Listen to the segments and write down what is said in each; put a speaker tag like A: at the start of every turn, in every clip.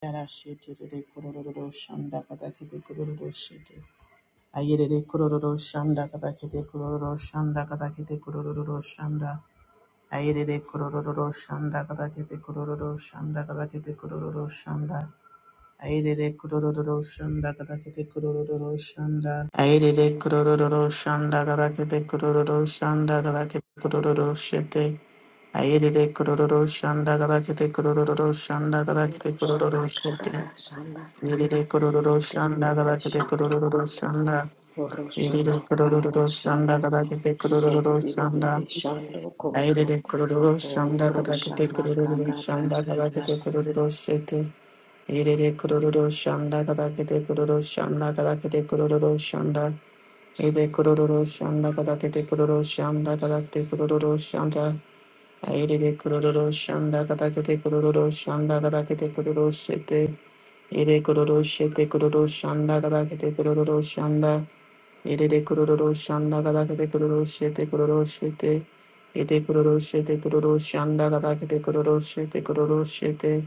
A: Yarashitiri k u r o r o shanda kadakete k u r o r o shite. a y e r e k u r o r o shanda kadakete k u r o r o shanda kadakete k u r o r o shanda. a y e r e k u r o r o shanda kadakete k u r o r o shanda kadakete k u r o r o shanda. Ayerere kurororo shanda kadakete k u r o r o shanda. a y e r e k u r o r o shanda kadakete k u r o r o shanda kadakete k u r o r o shite. a y e r e k u r o r o shanda kadakete kurororo shanda
B: Oru
A: kadakete k u r o r
B: shamba
A: o shite.
B: karada shanda
A: イリリクドロロロシャンドカダガ
B: kiyeriri
A: ラケテクド
B: shando
A: ロロロシ
B: koto.
A: ャンド
B: Oru
A: イリ
B: shamba
A: リクドロロ
B: karada
A: ロシャンドカ
B: shanda
A: ダガラケテクドロロロシャンド
B: kiyeriri
A: ア
B: shando
A: イリ
B: koto.
A: リクドロロロシャンドカダ
B: Oru
A: ガラケテ
B: shamba
A: クドロロロシャ
B: karada
A: ンドカダガラケ
B: shanda.
A: テクドロロロシェテイリリクドロロロシャンドカダガラケテクドロロロシャンドカダガラケテクドロロロシャンドイデクドロロロシャンドカダガラケテクドロロロシャンドカダガラケテクドロロロシテアイリリクドロロロシャンドカダガラケテクドロロロシャンドカダガラケテクドロロロシェテエレクロロシェテクロロシャンダガダケテクロロシャンダエレレクロロシャンダガダケテクロロシェテクロロシェテエテクロロシェテクロロシャンダガダケテクロロシェテクロロシェテ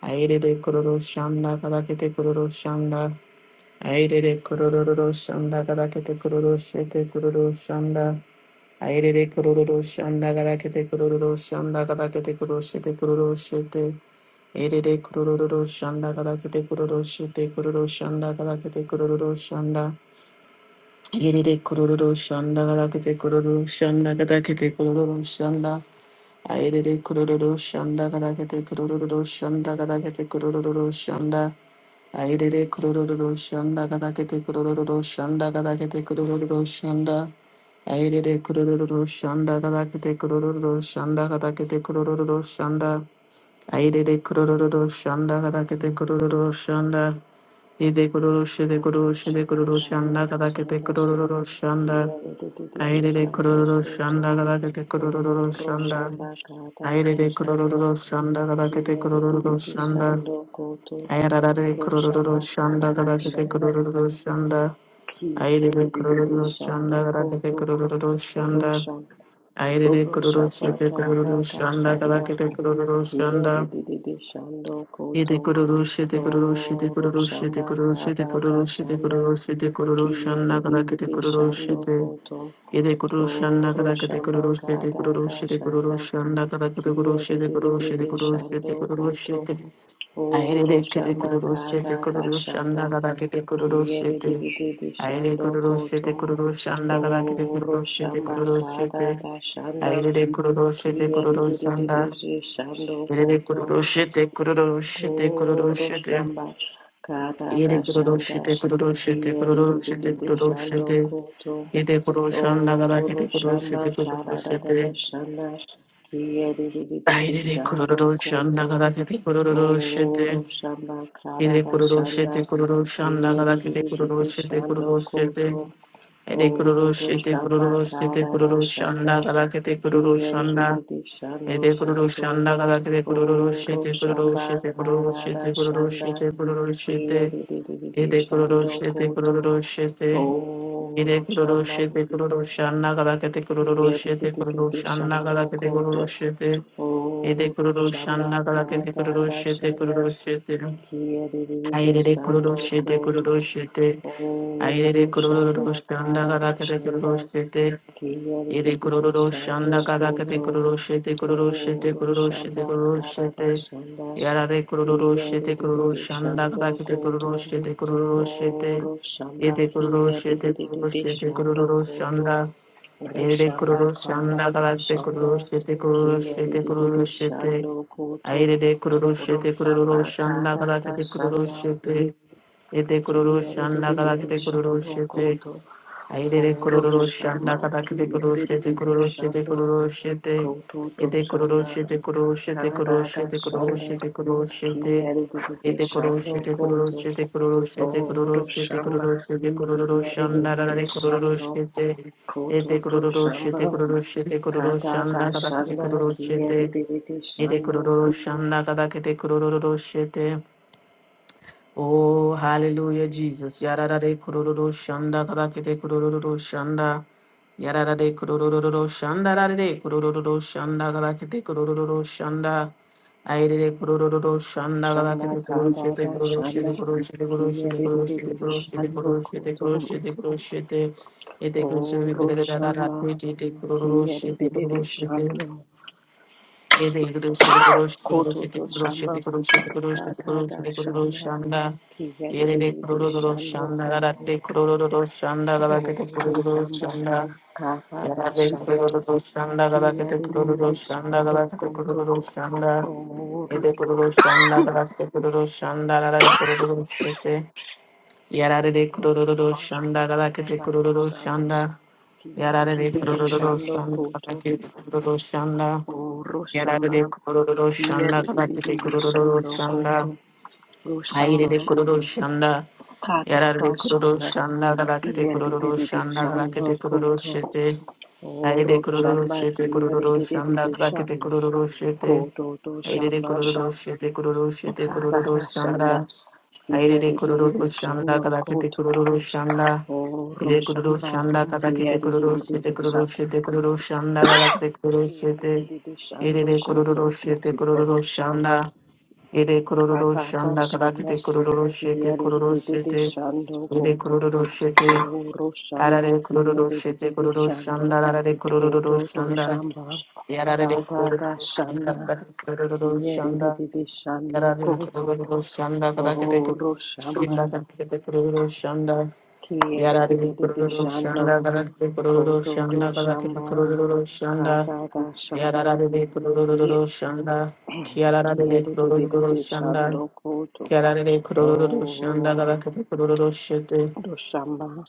A: アイレレクロロシャンダガダケテクロロシャンダアイレレクロロシャンダガダケテクロロシェテクロロシャンダアイレレクロロロシャンダガラケテクロロロシャンダガラケテクロシェテクロロシェテエレレクロロロロシャンダガラケテクロロシェテクロロシャンダガラケテクロロロシャンダエレレクロロロシャンダガラケテクロロシャンダガラケテクロロシャンダアイレレクロロロシャンダガラケテクロロロシャンダガラケテクロロロシャンダアイレレクロロロシャンダガラケテクロロロシャンダガラケテクロロロシャンダ Ayrere kurururu şanda kadakete kurururu şanda kadakete kurururu şanda. Ayrere kurururu şanda kadakete kurururu şanda. İde kururu şide kururu
B: Oru
A: şide
B: shamba
A: kururu şanda
B: karada
A: kadakete
B: shanda
A: kurururu şanda.
B: kiyeriri
A: Ayrere
B: shando
A: kurururu
B: koto.
A: şanda kadakete kurururu
B: Oru
A: şanda.
B: shamba karada
A: Ayrere
B: shanda
A: kurururu şanda kadakete kurururu
B: kiyeriri
A: şanda.
B: bishando koto.
A: Ayrarare
B: Oru
A: kurururu
B: shamba
A: şanda
B: karada
A: kadakete
B: shanda.
A: kurururu şanda.
B: Kia
A: Aire
B: de de de de de
A: kururu
B: shando
A: shanda rakete
B: koto
A: kururu shanda.
B: rosha
A: Aire
B: rosha
A: kururu shete
B: patata ta
A: kururu
B: ta
A: shanda
B: shanda
A: rakete kururu
B: kia de
A: shanda.
B: de de de shando
A: Ede
B: koto
A: kururu shete kururu shete
B: o
A: kururu
B: rosha
A: shete kururu
B: patata
A: shete
B: ta ta
A: kururu shete
B: shanda
A: kururu shete kururu
B: kia de
A: shanda
B: de de
A: rakete
B: de
A: kururu
B: shando
A: shete.
B: koto
A: Ede kururu
B: o
A: shanda
B: rosha
A: rakete kururu shete
B: patata ta
A: kururu
B: ta
A: shete kururu
B: shanda
A: shanda rakete kururu
B: kia de
A: shete
B: de de
A: kururu
B: de
A: shete
B: de
A: kururu
B: shando
A: shete kururu
B: koto
A: shete. アイ
B: o
A: レレケ
B: rosha
A: レクルロシ
B: patata
A: ェ
B: ta
A: テクル
B: ta
A: ロシャン
B: shanda
A: ダガダケテクルロ
B: kia
A: シェ
B: de de
A: テ
B: de de de
A: アイレ
B: shando
A: クルロシェテ
B: koto
A: クルロシャンダガダケテクル
B: O
A: ロシェテクル
B: shamba
A: ロシェ
B: kada
A: テ
B: da
A: アイ
B: shanda
A: レレクルロシェテク
B: kiye
A: ル
B: de
A: ロ
B: de
A: シ
B: de
A: ャン
B: de de
A: ダ
B: shando
A: イレレク
B: koto
A: ルロシェテクルロシェテクルロ
B: O
A: シェテ
B: shamba kada
A: イレ
B: da
A: クルロシ
B: shanda
A: ェテクルロシェテ
B: kiye
A: クル
B: de
A: ロ
B: de
A: シ
B: de
A: ェ
B: de
A: テク
B: de
A: ルロシェ
B: shando
A: テ
B: koto
A: イレクロシャンダガダ
B: O
A: ケテクルロシェ
B: shamba
A: テクルロ
B: kada
A: シ
B: da
A: ェテ
B: shanda kiye de de de de
A: アイ
B: de
A: レレクル
B: shando
A: ロシャンダ
B: koto
A: ガダケテクルロシェ
B: O
A: テ
B: shamba kada
A: Ele
B: da
A: kororo shete
B: shanda
A: kororo shanda
B: kiye
A: gada
B: de de
A: kete
B: de de
A: kororo
B: de
A: shete
B: shando
A: kororo shete.
B: koto
A: Ede kororo
B: Oro
A: shete
B: shamba
A: kororo shete
B: karara
A: kororo
B: shanda
A: shanda gada kete kororo shanda.
B: kiyerere shando
A: Ede kororo
B: koto.
A: shanda gada kete kororo
B: Oro
A: shete kororo
B: shamba
A: shete kororo
B: karara
A: shete kororo
B: shanda
A: shete kororo shete.
B: kiyerere
A: Ede kororo
B: shando
A: shete
B: koto.
A: kororo shete.
B: Oro
A: Ede kororo
B: shamba
A: shete kororo shanda gada kete kororo shete kororo
B: kiyerere
A: shanda
B: shando
A: gada kete kororo
B: koto.
A: shete. Ede
B: Oro
A: kororo
B: shamba
A: shanda gada kete kororo
B: karara
A: shete
B: shanda
A: kororo shete. アイ
B: kiyerere
A: レレクロロ
B: shando
A: シェテクロ
B: koto.
A: ロシェテアイレ
B: Oro
A: レクロロ
B: shamba
A: ロシャンダガダ
B: karara
A: ケテクロ
B: shanda
A: ロシェテイレクロ
B: Kiyadididi
A: ロロシャン
B: shando
A: ダガダケテ
B: koto
A: クロロシェテクロロシェテ
B: oro
A: クロロシェ
B: shamba
A: テクロロシェ
B: karara
A: テ
B: shanda
A: やられクロロロシェテクロロ
B: kiyadididi
A: シャンダガ
B: shando
A: ダケテクロ
B: koto
A: ロシェテクロロシェテ
B: oro
A: イ
B: shamba
A: テクロロシェテクロロ
B: kiyadididi
A: シェテクロ
B: shando
A: ロシャン
B: koto
A: ダイ
B: oro
A: レクロ
B: shamba
A: ロシャンダガ
B: karara
A: ラケテクロ
B: shanda
A: ロシェテクロロシェテクロロ
B: kiyadididi
A: シェテ
B: shando
A: ア
B: koto
A: イレレクロロシェ
B: oro
A: テクロ
B: shamba
A: ロシャンダガラケ
B: karara
A: テクロロ
B: shanda
A: シェテエテクロロシャンラガダケ
B: kiyadididi
A: テクロロ
B: shando
A: シェテ、
B: koto
A: アイレレクロ
B: oro
A: ロシャンラ
B: shamba
A: ガダケテクロロシェテク
B: kiyadididi
A: ロロシェテク
B: shando
A: ロロシェテ、
B: Kotutu
A: エテクロロ
B: Shamba
A: シェテクロロシェテクロロシ
B: Kadada
A: ェテクロロシェ
B: Shando
A: テクロロシェテ、エ
B: Kiyadididi
A: テクロロ
B: Shando
A: シェテクロロ
B: Kotu
A: シェテクロロシェテクロロ
B: Odo
A: シェテクロ
B: Shamba
A: ロシェテクロロシャンララ
B: Kiyadididi
A: レクロロ
B: Shando
A: シェテ、エテク
B: Kotutu
A: ロロシェ
B: Shamba
A: テクロロシェテクロロシャン
B: Kadada
A: ラガラケテ
B: Shanda
A: クロロシェテ、
B: Kiyadididi
A: エテクロ
B: Shando
A: ロ
B: Kotu
A: シャンラガラケテクロロシェテ、Oh, hallelujah, Jesus. Yararare kurururu shanda kadakete kurururu shanda. Yararare kurururu shanda rarare kurururu shanda kadakete kurururu shanda. Airere kurururu shanda
B: Shamba
A: kadakete kurushete
B: Kadada Shanda
A: kurushete kurushete kurushete kurushete
B: Kiyadididi
A: kurushete
B: Shando
A: kurushete
B: Kotu
A: kurushete kurushete. Ete kurushete kurushete
B: Odo Shamba
A: kurushete kurushete
B: Kiyadididi
A: kurushete
B: Shando
A: Ede groşe de groşe groşe de
B: Kototo
A: groşe de
B: shamba
A: groşe de groşe de
B: katada
A: groşe de
B: shanda
A: groşanda. Yere de
B: kiyadididi
A: kururu
B: shando
A: groşanda.
B: koto
A: Garak de kururu groşanda. Garak de
B: koto
A: kururu
B: shamba
A: groşanda.
B: katada
A: Yere de
B: shanda
A: kururu groşanda. Garak de kururu
B: kiyadididi
A: groşanda.
B: shando
A: Garak de
B: koto
A: kururu groşanda.
B: koto
A: Ede kururu şanda. Galakete de kururu şanda. Garak kururu groşete. Yere de kururu
B: shamba
A: groşanda. Garak
B: katada
A: kururu
B: shanda
A: groşanda. Yere de
B: kiyadididi
A: kururu
B: shando
A: groşanda.
B: koto
A: Garak kururu groşanda.
B: oro
A: やられ
B: shamba
A: でくるるるしゃんだ、たたけてく
B: kiyadididi
A: るるる
B: shando
A: しゃん
B: koto
A: だ、
B: ro
A: 入れ
B: shamba
A: でくるるしゃんだ、やられ
B: katada
A: でくるる
B: shanda
A: しゃんだ、たたけてくるるるし
B: kiyadididi
A: ゃんだ、たたけ
B: shando
A: てくるる
B: koto
A: して、入れで
B: Oro
A: くるる
B: shamba
A: してくる
B: kiere
A: る
B: de
A: し
B: de
A: ゃん
B: de
A: だ、
B: de
A: たたけて
B: shando.
A: くるるして、
B: Koto to
A: 入れでくる
B: shamba
A: るしてくるるしてくるる
B: karara
A: しゃんだ、
B: shanda
A: あれ
B: kiere
A: で
B: de
A: クロロ
B: de
A: ロ
B: de
A: ウシアンダか
B: shando
A: ら来きてク
B: koto.
A: ロロロウシアンダ、イ
B: Oro
A: デクロロロウシア
B: shamba
A: ンダから来きて
B: kiere de
A: クロ
B: de
A: ロロウ
B: de
A: シテ
B: de
A: クロロロウ
B: shando.
A: シテクロロロウシアンダから来きてクロロ
B: Kiere
A: シ
B: de
A: テ
B: de de
A: イデ
B: shando
A: クロロロ
B: koto.
A: ウシテクロロロウ
B: Oro
A: シアン
B: shamba
A: ダイデクロロロウシアン
B: katata
A: ダから来き
B: shanda
A: てクロロロウシテク
B: kiere de
A: ロロロウ
B: de de
A: シ
B: de
A: テ
B: shando
A: イデクロ
B: koto.
A: ロロウシテ
B: Oro
A: アラ
B: shamba
A: でクロロロ
B: kiere
A: ウ
B: de
A: シテ
B: de
A: ク
B: de
A: ロロシャン
B: shando
A: ダラレクロウ
B: koto
A: シア
B: to
A: ンダア
B: shamba
A: ラでクロロロウ
B: katata
A: シアンダア
B: shanda.
A: ラでクロロロウシアンダ。
B: Kiyadidididi shando
A: Yararlı
B: koto.
A: kurulu şanda kadar kete kurulu
B: Oro shamba.
A: şanda kadar kete kurulu şanda yararlı
B: Kiyadidididi
A: kurulu
B: shando.
A: şanda kadar kete kurulu
B: Koto to
A: şanda kadar kete
B: shamba.
A: kurulu şanda
B: Kata da shanda.
A: yararlı
B: Ki-
A: kurulu şanda kiyararlı kurulu
B: Kiyadidididi
A: şanda
B: shando koto.
A: kiyararlı kurulu şanda
B: Oro
A: kadar kete kurulu şete
B: do shamba.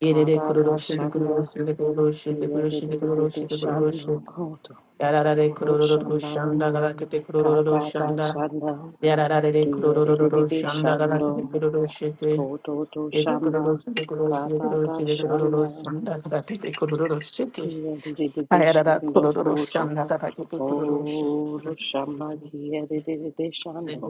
A: yerere
B: Kata da
A: kurulu şete
B: shanda.
A: kurulu şete kurulu şete kurulu şete kurulu
B: Kiyadidididi
A: şete kurulu şete
B: shando koto.
A: yararlı
B: Oro
A: kurulu
B: shamba.
A: şanda kadar kete kurulu
B: Kata da
A: şanda
B: shanda.
A: やらられでくるるるるる
B: Kiyadidididi
A: しゃんだがらけてく
B: shando.
A: るるして
B: Kododo
A: えてくるる
B: shamba
A: してくるしてくる
B: kadada
A: してくる
B: shanda
A: るしゃんだがらけてくるるして
B: kia de de de
A: あ
B: de
A: やららく
B: shando
A: るるるし
B: kodo
A: ゃんだがらけてくるるして
B: odo shamba kia de de de de shando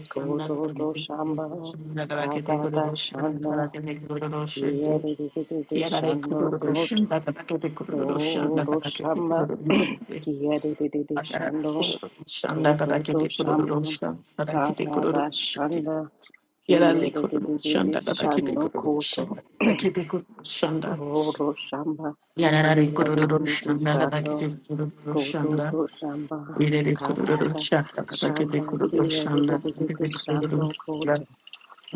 A: しゃんだ
B: kododo shamba
A: がらけてくる
B: kadada
A: るしゃんだが
B: shanda
A: らけてくるるしゃんだがらけてくるるし
B: kia de
A: て
B: de de de de
A: やられく
B: shando
A: るるしゃん
B: kodo
A: だがらけてくるるしゃんだが
B: odo
A: らけて
B: shamba
A: くるるして
B: kia de de de de
A: Yararlı
B: shando
A: kurulur şanda kadar
B: kododo
A: kedi kurulur
B: shamba
A: şanda kadar kedi
B: kadada
A: kurulur şanda
B: shanda kia
A: yararlı
B: de de
A: kurulur
B: de de de
A: şanda kadar kedi
B: shando
A: kurulur
B: kodo
A: şanda
B: Roro Shamba Kia Dididi Shando Kododo Shamba
A: ileri kurulur
B: Katata
A: şanda kadar kedi
B: Shamba
A: kurulur
B: Kia
A: şanda
B: Dididi
A: kedi kurulur
B: Shando Koto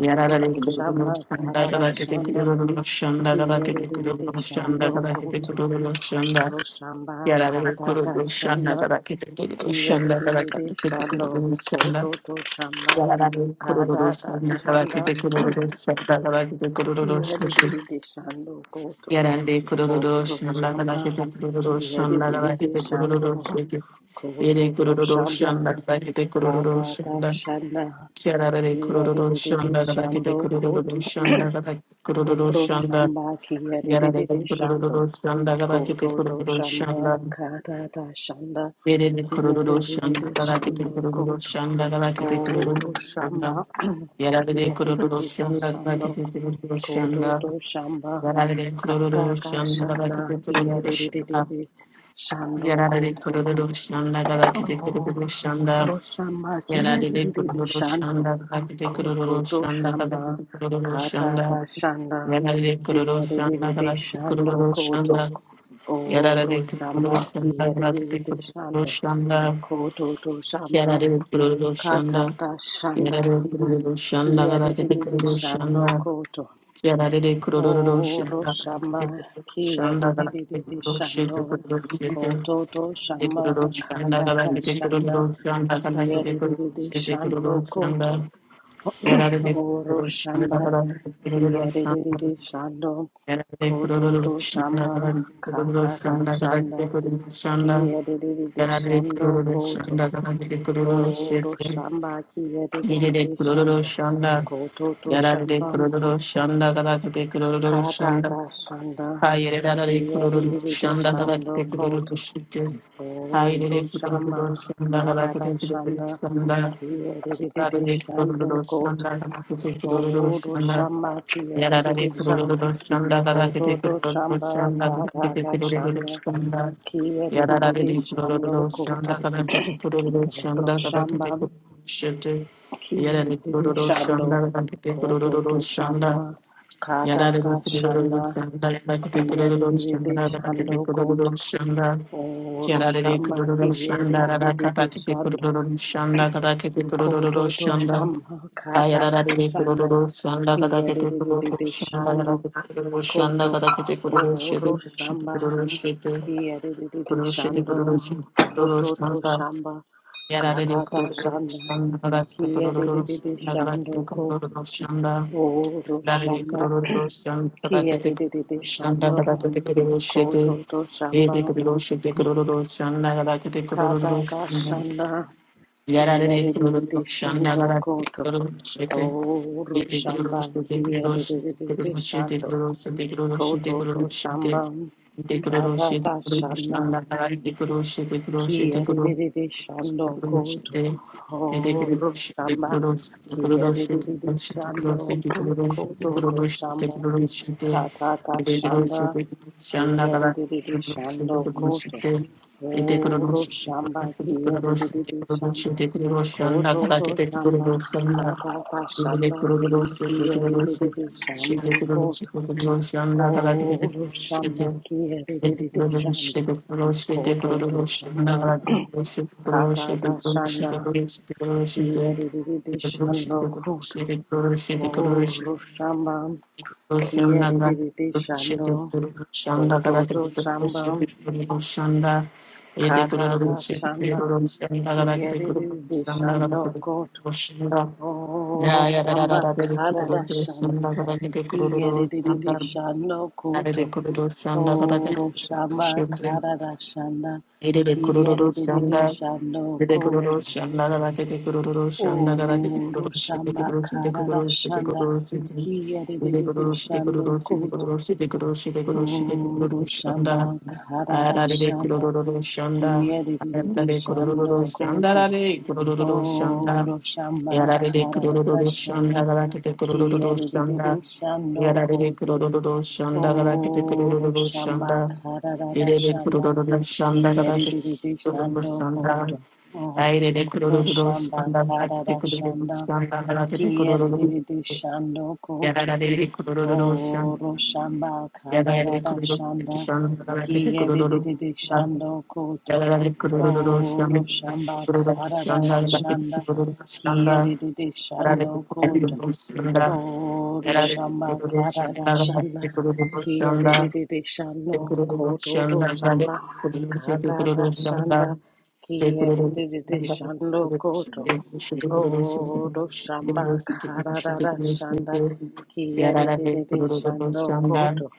A: yararlı kurulur
B: Shamba
A: şanda
B: Karara
A: kadar kedi
B: Shando
A: kurulur şanda
B: Kia
A: kadar kedi kurulur
B: Dididi
A: şanda
B: Shando
A: kadar kedi
B: Koto
A: kurulur şanda
B: roshamba Shamba
A: Yararlı
B: Katata
A: kurulu şanla
B: Shando
A: kadar kitabı
B: Kia
A: şanla kadar
B: Dididi
A: kitabı
B: Shando
A: kurulu şanla
B: Koto to Shamba
A: yararlı kurulu
B: Katata
A: şanla kadar
B: Shanda
A: kitabı kurulu şanla kadar kitabı
B: Ki
A: kurulu
B: hede de
A: şanla
B: de de shando koto
A: yararlı kurulu
B: oro
A: şanla kadar
B: shama.
A: kitabı
B: Ki
A: kurulu şanla kadar
B: oroshama.
A: kitabı
B: shando
A: kurulu şanla
B: koto
A: yere
B: to
A: kurulu
B: shama.
A: şanla kadar kitabı kurulu
B: Kata ta
A: şanla
B: shana. Ki
A: yararlı
B: hede
A: kurulu
B: de de de
A: şanla kadar
B: shando
A: kitabı
B: koto
A: kurulu şanla kadar kurulu
B: oro
A: şanla
B: shama. Ki oroshama.
A: yararlı
B: shando
A: kurulu şanla kadar
B: koto
A: kitabı
B: to
A: kurulu
B: shamba.
A: şanla
B: Kata ta shanda.
A: Yerine
B: Ki hede
A: kurulur
B: de de
A: şanda
B: de
A: galakete
B: shando
A: kurulur
B: koto
A: şanda galakete
B: oro
A: kurulur
B: shama.
A: şanda
B: Ki
A: yerine kurulur
B: oroshama.
A: şanda
B: shando.
A: galakete kurulur şanda
B: Kododo Shamba
A: yerine kurulur
B: Kadada
A: şanda
B: Shanda
A: galakete
B: Kia
A: kurulur şanda
B: Dididididi Shando
A: yerine
B: Koto
A: kurulur şanda galakete
B: Oh
A: kurulur şanda
B: Roshamba Kia
A: yerine
B: Didididi
A: kurulur
B: Shando
A: şanda galakete kurulur
B: Kododo
A: şanda
B: Shamba
A: galakete kurulur
B: Kadada
A: şanda
B: Shanda
A: yerine kurulur
B: Kia
A: şanda
B: Didididi
A: galakete
B: Shando
A: kurulur şanda
B: Koto Oh
A: yerine kurulur
B: Roshamba
A: şanda
B: Kia
A: galakete
B: Didididi
A: kurulur
B: Shando
A: şanda
B: Kododo
A: Kiarare
B: Shamba
A: kururu shanda,
B: Katata
A: kiarare
B: Shanda
A: kururu shanda,
B: Kia
A: gadakete
B: Didididi
A: kururu
B: Shando
A: shanda,
B: Koto
A: kiarare de
B: O
A: kururu shanda,
B: Roshamba
A: gadakete kururu
B: Kie
A: shanda,
B: de de de
A: gadakete
B: de de
A: kururu shete
B: Shando
A: kururu shete,
B: Kototo
A: te kururu
B: Shamba
A: shanda,
B: Katata
A: gadakete kururu
B: Shanda
A: shanda,
B: Kie de
A: gadakete
B: de de
A: kururu
B: de
A: shete kururu
B: Shando
A: shanda,
B: Koto
A: kiarare de
B: O
A: kururu shanda,
B: Roshamba
A: gadakete kururu
B: Kie de de de
A: shanda,
B: de Shando
A: kiarare de kururu
B: Kototo
A: shanda,
B: Shamba
A: gadakete kururu
B: Katata
A: shanda, gadakete kururu shanda, kiarare de
B: Shanda
A: kururu
B: Kie de de de de Shando Koto
A: shanda, gadakete kururu
B: O
A: shete,
B: Roshamba Kie de de de
A: Yerere
B: de
A: kurororo
B: Shando
A: şanda,
B: Kototo
A: yararere
B: Shamba
A: kurororo şanda, kadakete kurororo
B: Kata
A: şanda,
B: da shanda,
A: hayere yararere
B: kia
A: kurororo şanda, kadakete
B: shando
A: kurororo
B: koto,
A: şanda, hayere
B: guru shama.
A: kurororo şanda,
B: Kata
A: kadakete
B: da
A: kurororo
B: shanda,
A: şanda,
B: kia
A: şikarere
B: shando
A: kurororo
B: koto,
A: şanda, kadakete kurororo
B: guru
A: şanda,
B: shama. Kia
A: Yarara de kururu
B: shando,
A: doşanda dara
B: koto
A: kete
B: to
A: kururu
B: shamba.
A: doşanda dara
B: Kata
A: kete
B: da
A: kururu
B: shanda,
A: doşanda
B: kia
A: yarara de kururu
B: shando koto,
A: doşanda dara kete kururu
B: guru
A: doşanda dara
B: shama.
A: kete kururu şete
B: Kia
A: yarara de kururu
B: shando,
A: doşanda dara kete
B: koto
A: kururu
B: to
A: doşanda
B: shamba.
A: yarara
B: Kata
A: de kururu
B: shanda.
A: doşanda dara kete kururu
B: Kiyadididi
A: doşanda dara kete
B: shando
A: kururu
B: koto.
A: doşanda
B: Oro
A: yarara de
B: shamba
A: kururu doşanda dara
B: kiyadididi
A: kete
B: shando.
A: kururu doşanda dara kete kururu
B: Koto to
A: doşanda
B: shamba katata
A: Ayararare
B: shanda.
A: kururu şanda kada kete kururu şanda
B: Kiyadididi
A: kada
B: shando
A: kete kururu şanda
B: koto.
A: kada kete kururu şete
B: Oro
A: şete
B: shamba
A: kururu şete
B: kiyadididi
A: kururu şete kururu
B: shando.
A: şete kururu
B: Koto to
A: şanda
B: shamba
A: yararare
B: katata
A: kururu
B: shanda.
A: şanda kada kete kururu
B: Kiyadididi
A: şanda kada kete
B: shando koto.
A: kururu şanda
B: Oro
A: yararare
B: shamba
A: kururu şanda kada kete
B: kiyadididi
A: kururu şanda kada
B: shando
A: kete kururu şete
B: koto to
A: Ede
B: shamba.
A: kururu şete kururu şanda kada kete kururu şanda
B: Katabashana
A: yararare kururu şanda
B: Kiyadididishano
A: kada kete
B: Koto
A: kururu şete ये
B: Oru
A: देख लो
B: Shamba
A: रोशनी देख लो रोशनी देख
B: Kiyadididishando
A: लो रोशनी देख लो रोशनी देख
B: Koto
A: low
B: To
A: रोशनी देख लो रोशनी देख
B: Shamba
A: देख लो रोशनी देख लो रोशनी
B: Katatashana
A: अंदर लगाई देख लो रोशनी देख लो रोशनी देख लो देख
B: Kiyadididishando
A: लो रोशनी
B: Koto
A: देख ये देख लो
B: Oru
A: रोशनी देख लो
B: Shamba
A: रोशनी देख लो रोशनी देख लो रोशनी
B: Kiyadididishando
A: देख लो रोशनी
B: Koto
A: देख लो
B: To
A: रोशनी देख
B: Shamba
A: लो रोशनी
B: Katata Shanda Kiyadididi
A: देख
B: Shando
A: लो रोशनी
B: Koto
A: देख ये देख लो
B: Oro
A: रोशनी
B: Shamba
A: देख लो रोशनी अंदर
B: Kiyadididi
A: लगाई देख लो रोशनी
B: Shanda
A: देख लो रोशनी देख ये देख लो रोशनी देख लो रोशनी देख लो रोशनी देख लो रोशनी देख लो रोशनी अंदर
B: Koto
A: लगाई
B: to
A: देख लो
B: Shamba
A: Roshni
B: Katata
A: できると
B: Shanda
A: ころでロスしてできるロスし
B: Kiyadididi
A: て
B: Shando
A: できるロスして
B: Koto
A: できるロスし安打だからできる
B: Oro
A: ロスしてできる
B: Shamba Kiyadididi
A: ロスし
B: Shanda
A: てできるロスしてできるロスしてできる
B: Koto
A: ロスして
B: to
A: でき
B: Shamba
A: るロスしてできるロス
B: Katata
A: し
B: Shanda
A: 安
B: Kiyadididi
A: 打だからでき
B: Shando
A: るロスし
B: Koto
A: てできるロス
B: Oro Shamba Kia de de de shando,
A: し安打だか
B: koto
A: らで
B: to
A: きるロスし
B: shamba,
A: てできるロスし安打えできる
B: kata
A: ロ
B: ta
A: スしてできる
B: shanda,
A: ロスし安打だからで
B: kia
A: き
B: de
A: る
B: de
A: ロ
B: de
A: スし安打だか
B: shando
A: らできる
B: koto,
A: ロスし
B: oro
A: Ya ya da da
B: shamba
A: da da de de
B: kata
A: kuru
B: da
A: do
B: shanda,
A: sanda kada de de kuru
B: kia
A: do
B: de de de
A: sanda
B: shando
A: de de
B: koto,
A: kuru do sanda kada de
B: oro shamba
A: shibde
B: kata da shanda,
A: de de kuru
B: kia
A: do
B: de de de
A: sanda
B: shando
A: de de kuru do
B: koto,
A: sanda kada de de kuru do sanda kada de de kuru
B: oro
A: do shibde de
B: shamba
A: kuru shibde
B: kata da
A: kuru shibde
B: shanda,
A: kuru shibde
B: kia de
A: de
B: de
A: de
B: de de
A: kuru shibde kuru
B: shando
A: do shibde
B: koto.
A: kuru shibde kuru shibde kuru shibde kuru do
B: Guru
A: sanda
B: Shamba Karada
A: ara de de kuru
B: Shanda
A: do sanda ara
B: Kiyedidi
A: de kuru do
B: Shando
A: sanda
B: Koto
A: ara de kuru do sanda
B: Guru Shamba
A: Yarare de
B: Karada
A: kurururu şanda
B: Shanda
A: galakete kurururu şanda.
B: Kiyedidi Shando
A: Yarare de
B: Koto
A: kurururu şanda galakete
B: Guru
A: kurururu
B: Shamba
A: şanda.
B: Karada
A: İre de
B: Shanda
A: kurururu şanda galakete
B: Kiyedidi
A: kurururu
B: Shando
A: şanda.
B: Koto
A: Aire de
B: Guru
A: kurururu
B: Shamba
A: şanda galakete
B: Karada
A: kurururu
B: Shanda
A: şanda galakete kurururu.
B: Kiyedidi Shando Koto
A: Yarare de kurururu şanda.
B: Oro shamba
A: Yarare de
B: kararara
A: kurururu
B: shanda
A: şanda galakete
B: kiye de de
A: kurururu.
B: de de
A: şanda.
B: shando koto. Oro shamba kararara shanda kiye de de de shando koto.
A: Yalari
B: Oro shamba karada shanda kia de de de de
A: Yere
B: shano koto do shamba karada shanda kia de de de de shando koto Oro shamba karada shanda kia de de de de shando koto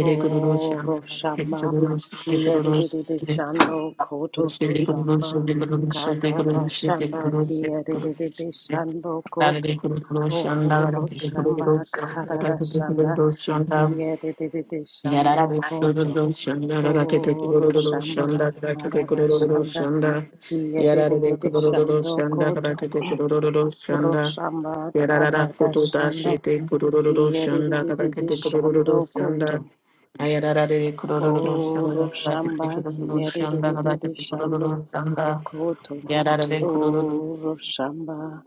B: Oro shamba kia de de de de shando koto do shamba karada shanda kia de de de de shando koto O Roshamba Kararashanda Kiedede
A: Yarara
B: Shando
A: Suru
B: Koto
A: Shanda Rakete
B: O Roshamba
A: Shanda Rakete Kururu
B: Kararashanda
A: Shanda Yarare
B: Kiedede
A: Kururu
B: Shando
A: Shanda
B: Koto
A: Rakete Kururu Shanda
B: Roshamba
A: Yarara Kututa
B: Kararashanda
A: Shete Kururu Shanda
B: Kiedede
A: Rakete Kururu
B: Shando
A: Shanda
B: Koto
A: Ayarara Kururu
B: O
A: Shanda Rakete
B: Roshamba
A: Kururu Shanda
B: Kiedede
A: Rakete
B: Shando
A: Kururu Shanda
B: Koto
A: Yarare
B: O Roshamba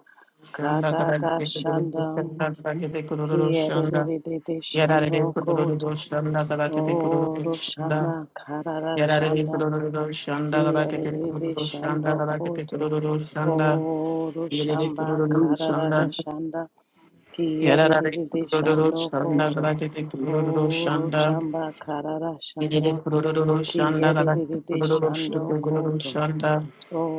A: Şanda kadar kurulur
B: Kararashanda
A: boşanda sakete kurulur şanda
B: Kiyerere shando
A: yararlı kurulur
B: koto.
A: boşanda kadar kete kurulur
B: Oro
A: şanda
B: shama karara
A: yararlı
B: shanda.
A: kurulur şanda kadar kete
B: Kiyerere
A: kurulur
B: shando
A: şanda kadar kete
B: koto.
A: kurulur şanda
B: Oro
A: yerere
B: shamba
A: kurulur
B: karara
A: şanda
B: shanda.
A: yararlı
B: Kiyerere
A: kurulur
B: shando
A: şanda
B: koto.
A: kadar kete kurulur
B: Oro
A: şanda
B: shamba karara shanda.
A: yerere kurulur şanda kadar
B: Kiyerere
A: kurulur
B: shando
A: şanda
B: koto.
A: şanda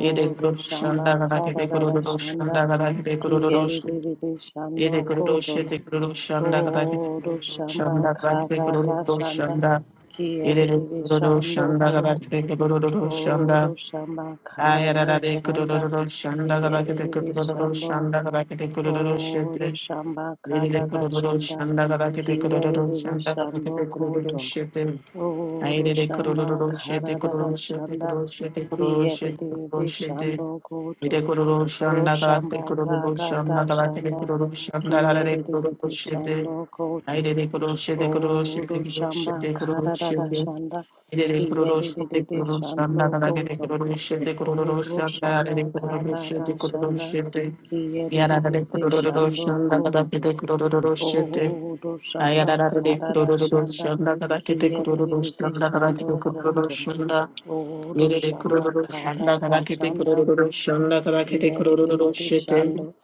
A: Yere kurulur
B: shamba
A: şanda kadar kete
B: karara
A: kurulur
B: shanda.
A: şanda kadar kete kurulur boşluğunda
B: Kiyerere shando
A: Ede kurulu
B: koto.
A: şete kurulu şanda kadar kete
B: Odo
A: kurulu
B: shamba
A: şanda kadar kete
B: kata ta
A: kurulu
B: shanda
A: şanda.
B: kie de
A: Ede
B: de de
A: kurulu
B: shando
A: şanda kadar
B: koto.
A: kete kurulu şanda.
B: Odo shamba kata
A: Ayara
B: ta
A: da de
B: shanda
A: kurulu şanda
B: kie de
A: kadar kete
B: de de
A: kurulu
B: shando.
A: şanda kadar kete kurulu
B: Odo
A: şete.
B: shamba kata
A: Ede
B: ta
A: kurulu
B: shanda
A: şanda kadar kete
B: kie de
A: kurulu
B: de de
A: şanda kadar
B: shando
A: kete kurulu
B: koto.
A: şete.
B: Odo
A: Ayere de
B: shamba
A: kurulu
B: kata
A: şete
B: ta
A: kurulu şete
B: shanda
A: kurulu şete kurulu
B: kie de
A: şete
B: de de
A: kurulu şete.
B: shando koto.
A: Ede kurulu
B: Odo
A: şanda kadar
B: shamba
A: kete kurulu
B: kata ta
A: şanda kadar kete
B: shanda
A: kurulu şanda
B: kie
A: kadar
B: de
A: kete
B: de
A: kurulu
B: de
A: şete.
B: shando koto.
A: Aire de croce de croce de
B: Oro
A: croce
B: shamba
A: de croce
B: kararara
A: de
B: shanda
A: aire de croce de
B: kiyerere
A: croce anda
B: shando
A: da da de
B: koto.
A: croce de croce
B: Oro
A: anda aire de
B: shamba
A: croce de
B: kararara shanda
A: croce de yara da de
B: kiyerere
A: croce
B: shando
A: anda da da
B: koto.
A: de croce de
B: Oro
A: ayara
B: shamba
A: da de
B: kararara
A: croce
B: shanda
A: anda da da de croce
B: kiyerere
A: anda da da de
B: shando koto.
A: croce anda
B: Oro
A: yere de
B: shamba
A: croce anda da
B: kararara
A: de
B: shanda
A: croce anda da de
B: kiyerere
A: croce de
B: shando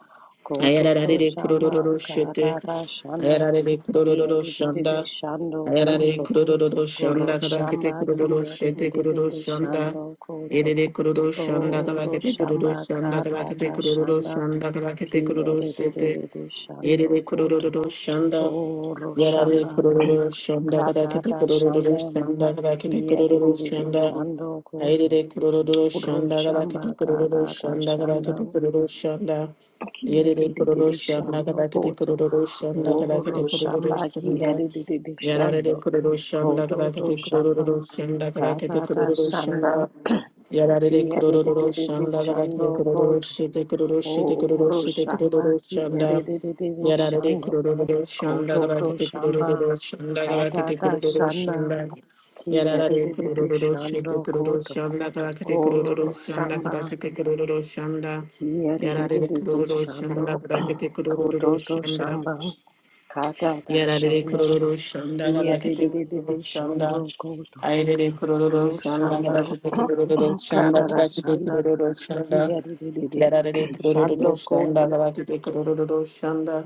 B: koto.
A: ayara
B: Oro
A: de
B: shamba
A: croce de
B: kararara shanda
A: ayara de croce anda
B: kiyerere shando
A: Ayarare
B: koto.
A: kururu şanda kala kete
B: Oroshamba
A: kururu şete kururu
B: kiyerere
A: şanda.
B: shando koto.
A: Yerere kururu şanda kala kete kururu
B: Oroshamba
A: şanda kala kete
B: katata
A: kururu
B: shanda
A: şanda kala kete kururu şete.
B: kiyerere shando
A: Yerere
B: koto.
A: kururu şanda. Yarare
B: Oroshamba
A: kururu şanda kala kete
B: katata
A: kururu
B: shanda
A: şanda kala kete kururu
B: kiyerere
A: şanda.
B: shando koto.
A: Ayarare kururu şanda kala kete
B: Oroshamba
A: kururu
B: katata
A: şanda kala
B: shanda
A: kete kururu şanda. Yerere kururu
B: kiyerere
A: şanda
B: shando
A: kala kete
B: koto.
A: kururu şanda kala kete kururu
B: Oroshamba
A: şanda.
B: kiyerere
A: Yararere
B: shando
A: kururu şanda kada
B: koto to
A: kete kururu
B: shamba
A: şanda kada kete
B: katata
A: kururu
B: shanda.
A: şanda. Yararere
B: Kia de de de
A: kururu
B: de de
A: şanda kada
B: shando
A: kete kururu
B: koto.
A: şete kururu
B: O
A: şete kururu
B: ro
A: şete
B: shamba
A: kururu
B: kia de
A: şanda.
B: de de de de
A: Yararere
B: shando.
A: kururu şanda
B: Koto
A: kada
B: to
A: kete
B: shamba
A: kururu şanda kada
B: kata
A: kete
B: ta
A: kururu
B: shanda.
A: şanda.
B: Kia de
A: Yararere
B: de de de
A: kururu
B: shando
A: şete kururu
B: koto.
A: şanda kada kete
B: O
A: kururu
B: ro
A: şanda
B: shamba
A: kada kete kururu şanda.
B: kia de de de
A: Yararere
B: de de
A: kururu şanda
B: shando.
A: kada kete
B: Koto
A: kururu
B: to
A: şanda.
B: shamba kata ta
A: Yarare
B: shanda.
A: kururu şanda
B: Kia de
A: garakete
B: de de de de
A: kururu
B: shando
A: şanda.
B: koto.
A: Ayrere kururu
B: Ro
A: şanda
B: shamba
A: garakete kururu şanda
B: kata ta
A: garakete
B: shanda.
A: kururu şanda.
B: Kiyadidididi.
A: Yarare kururu
B: Shando
A: şanda
B: Koto
A: garakete kururu şanda.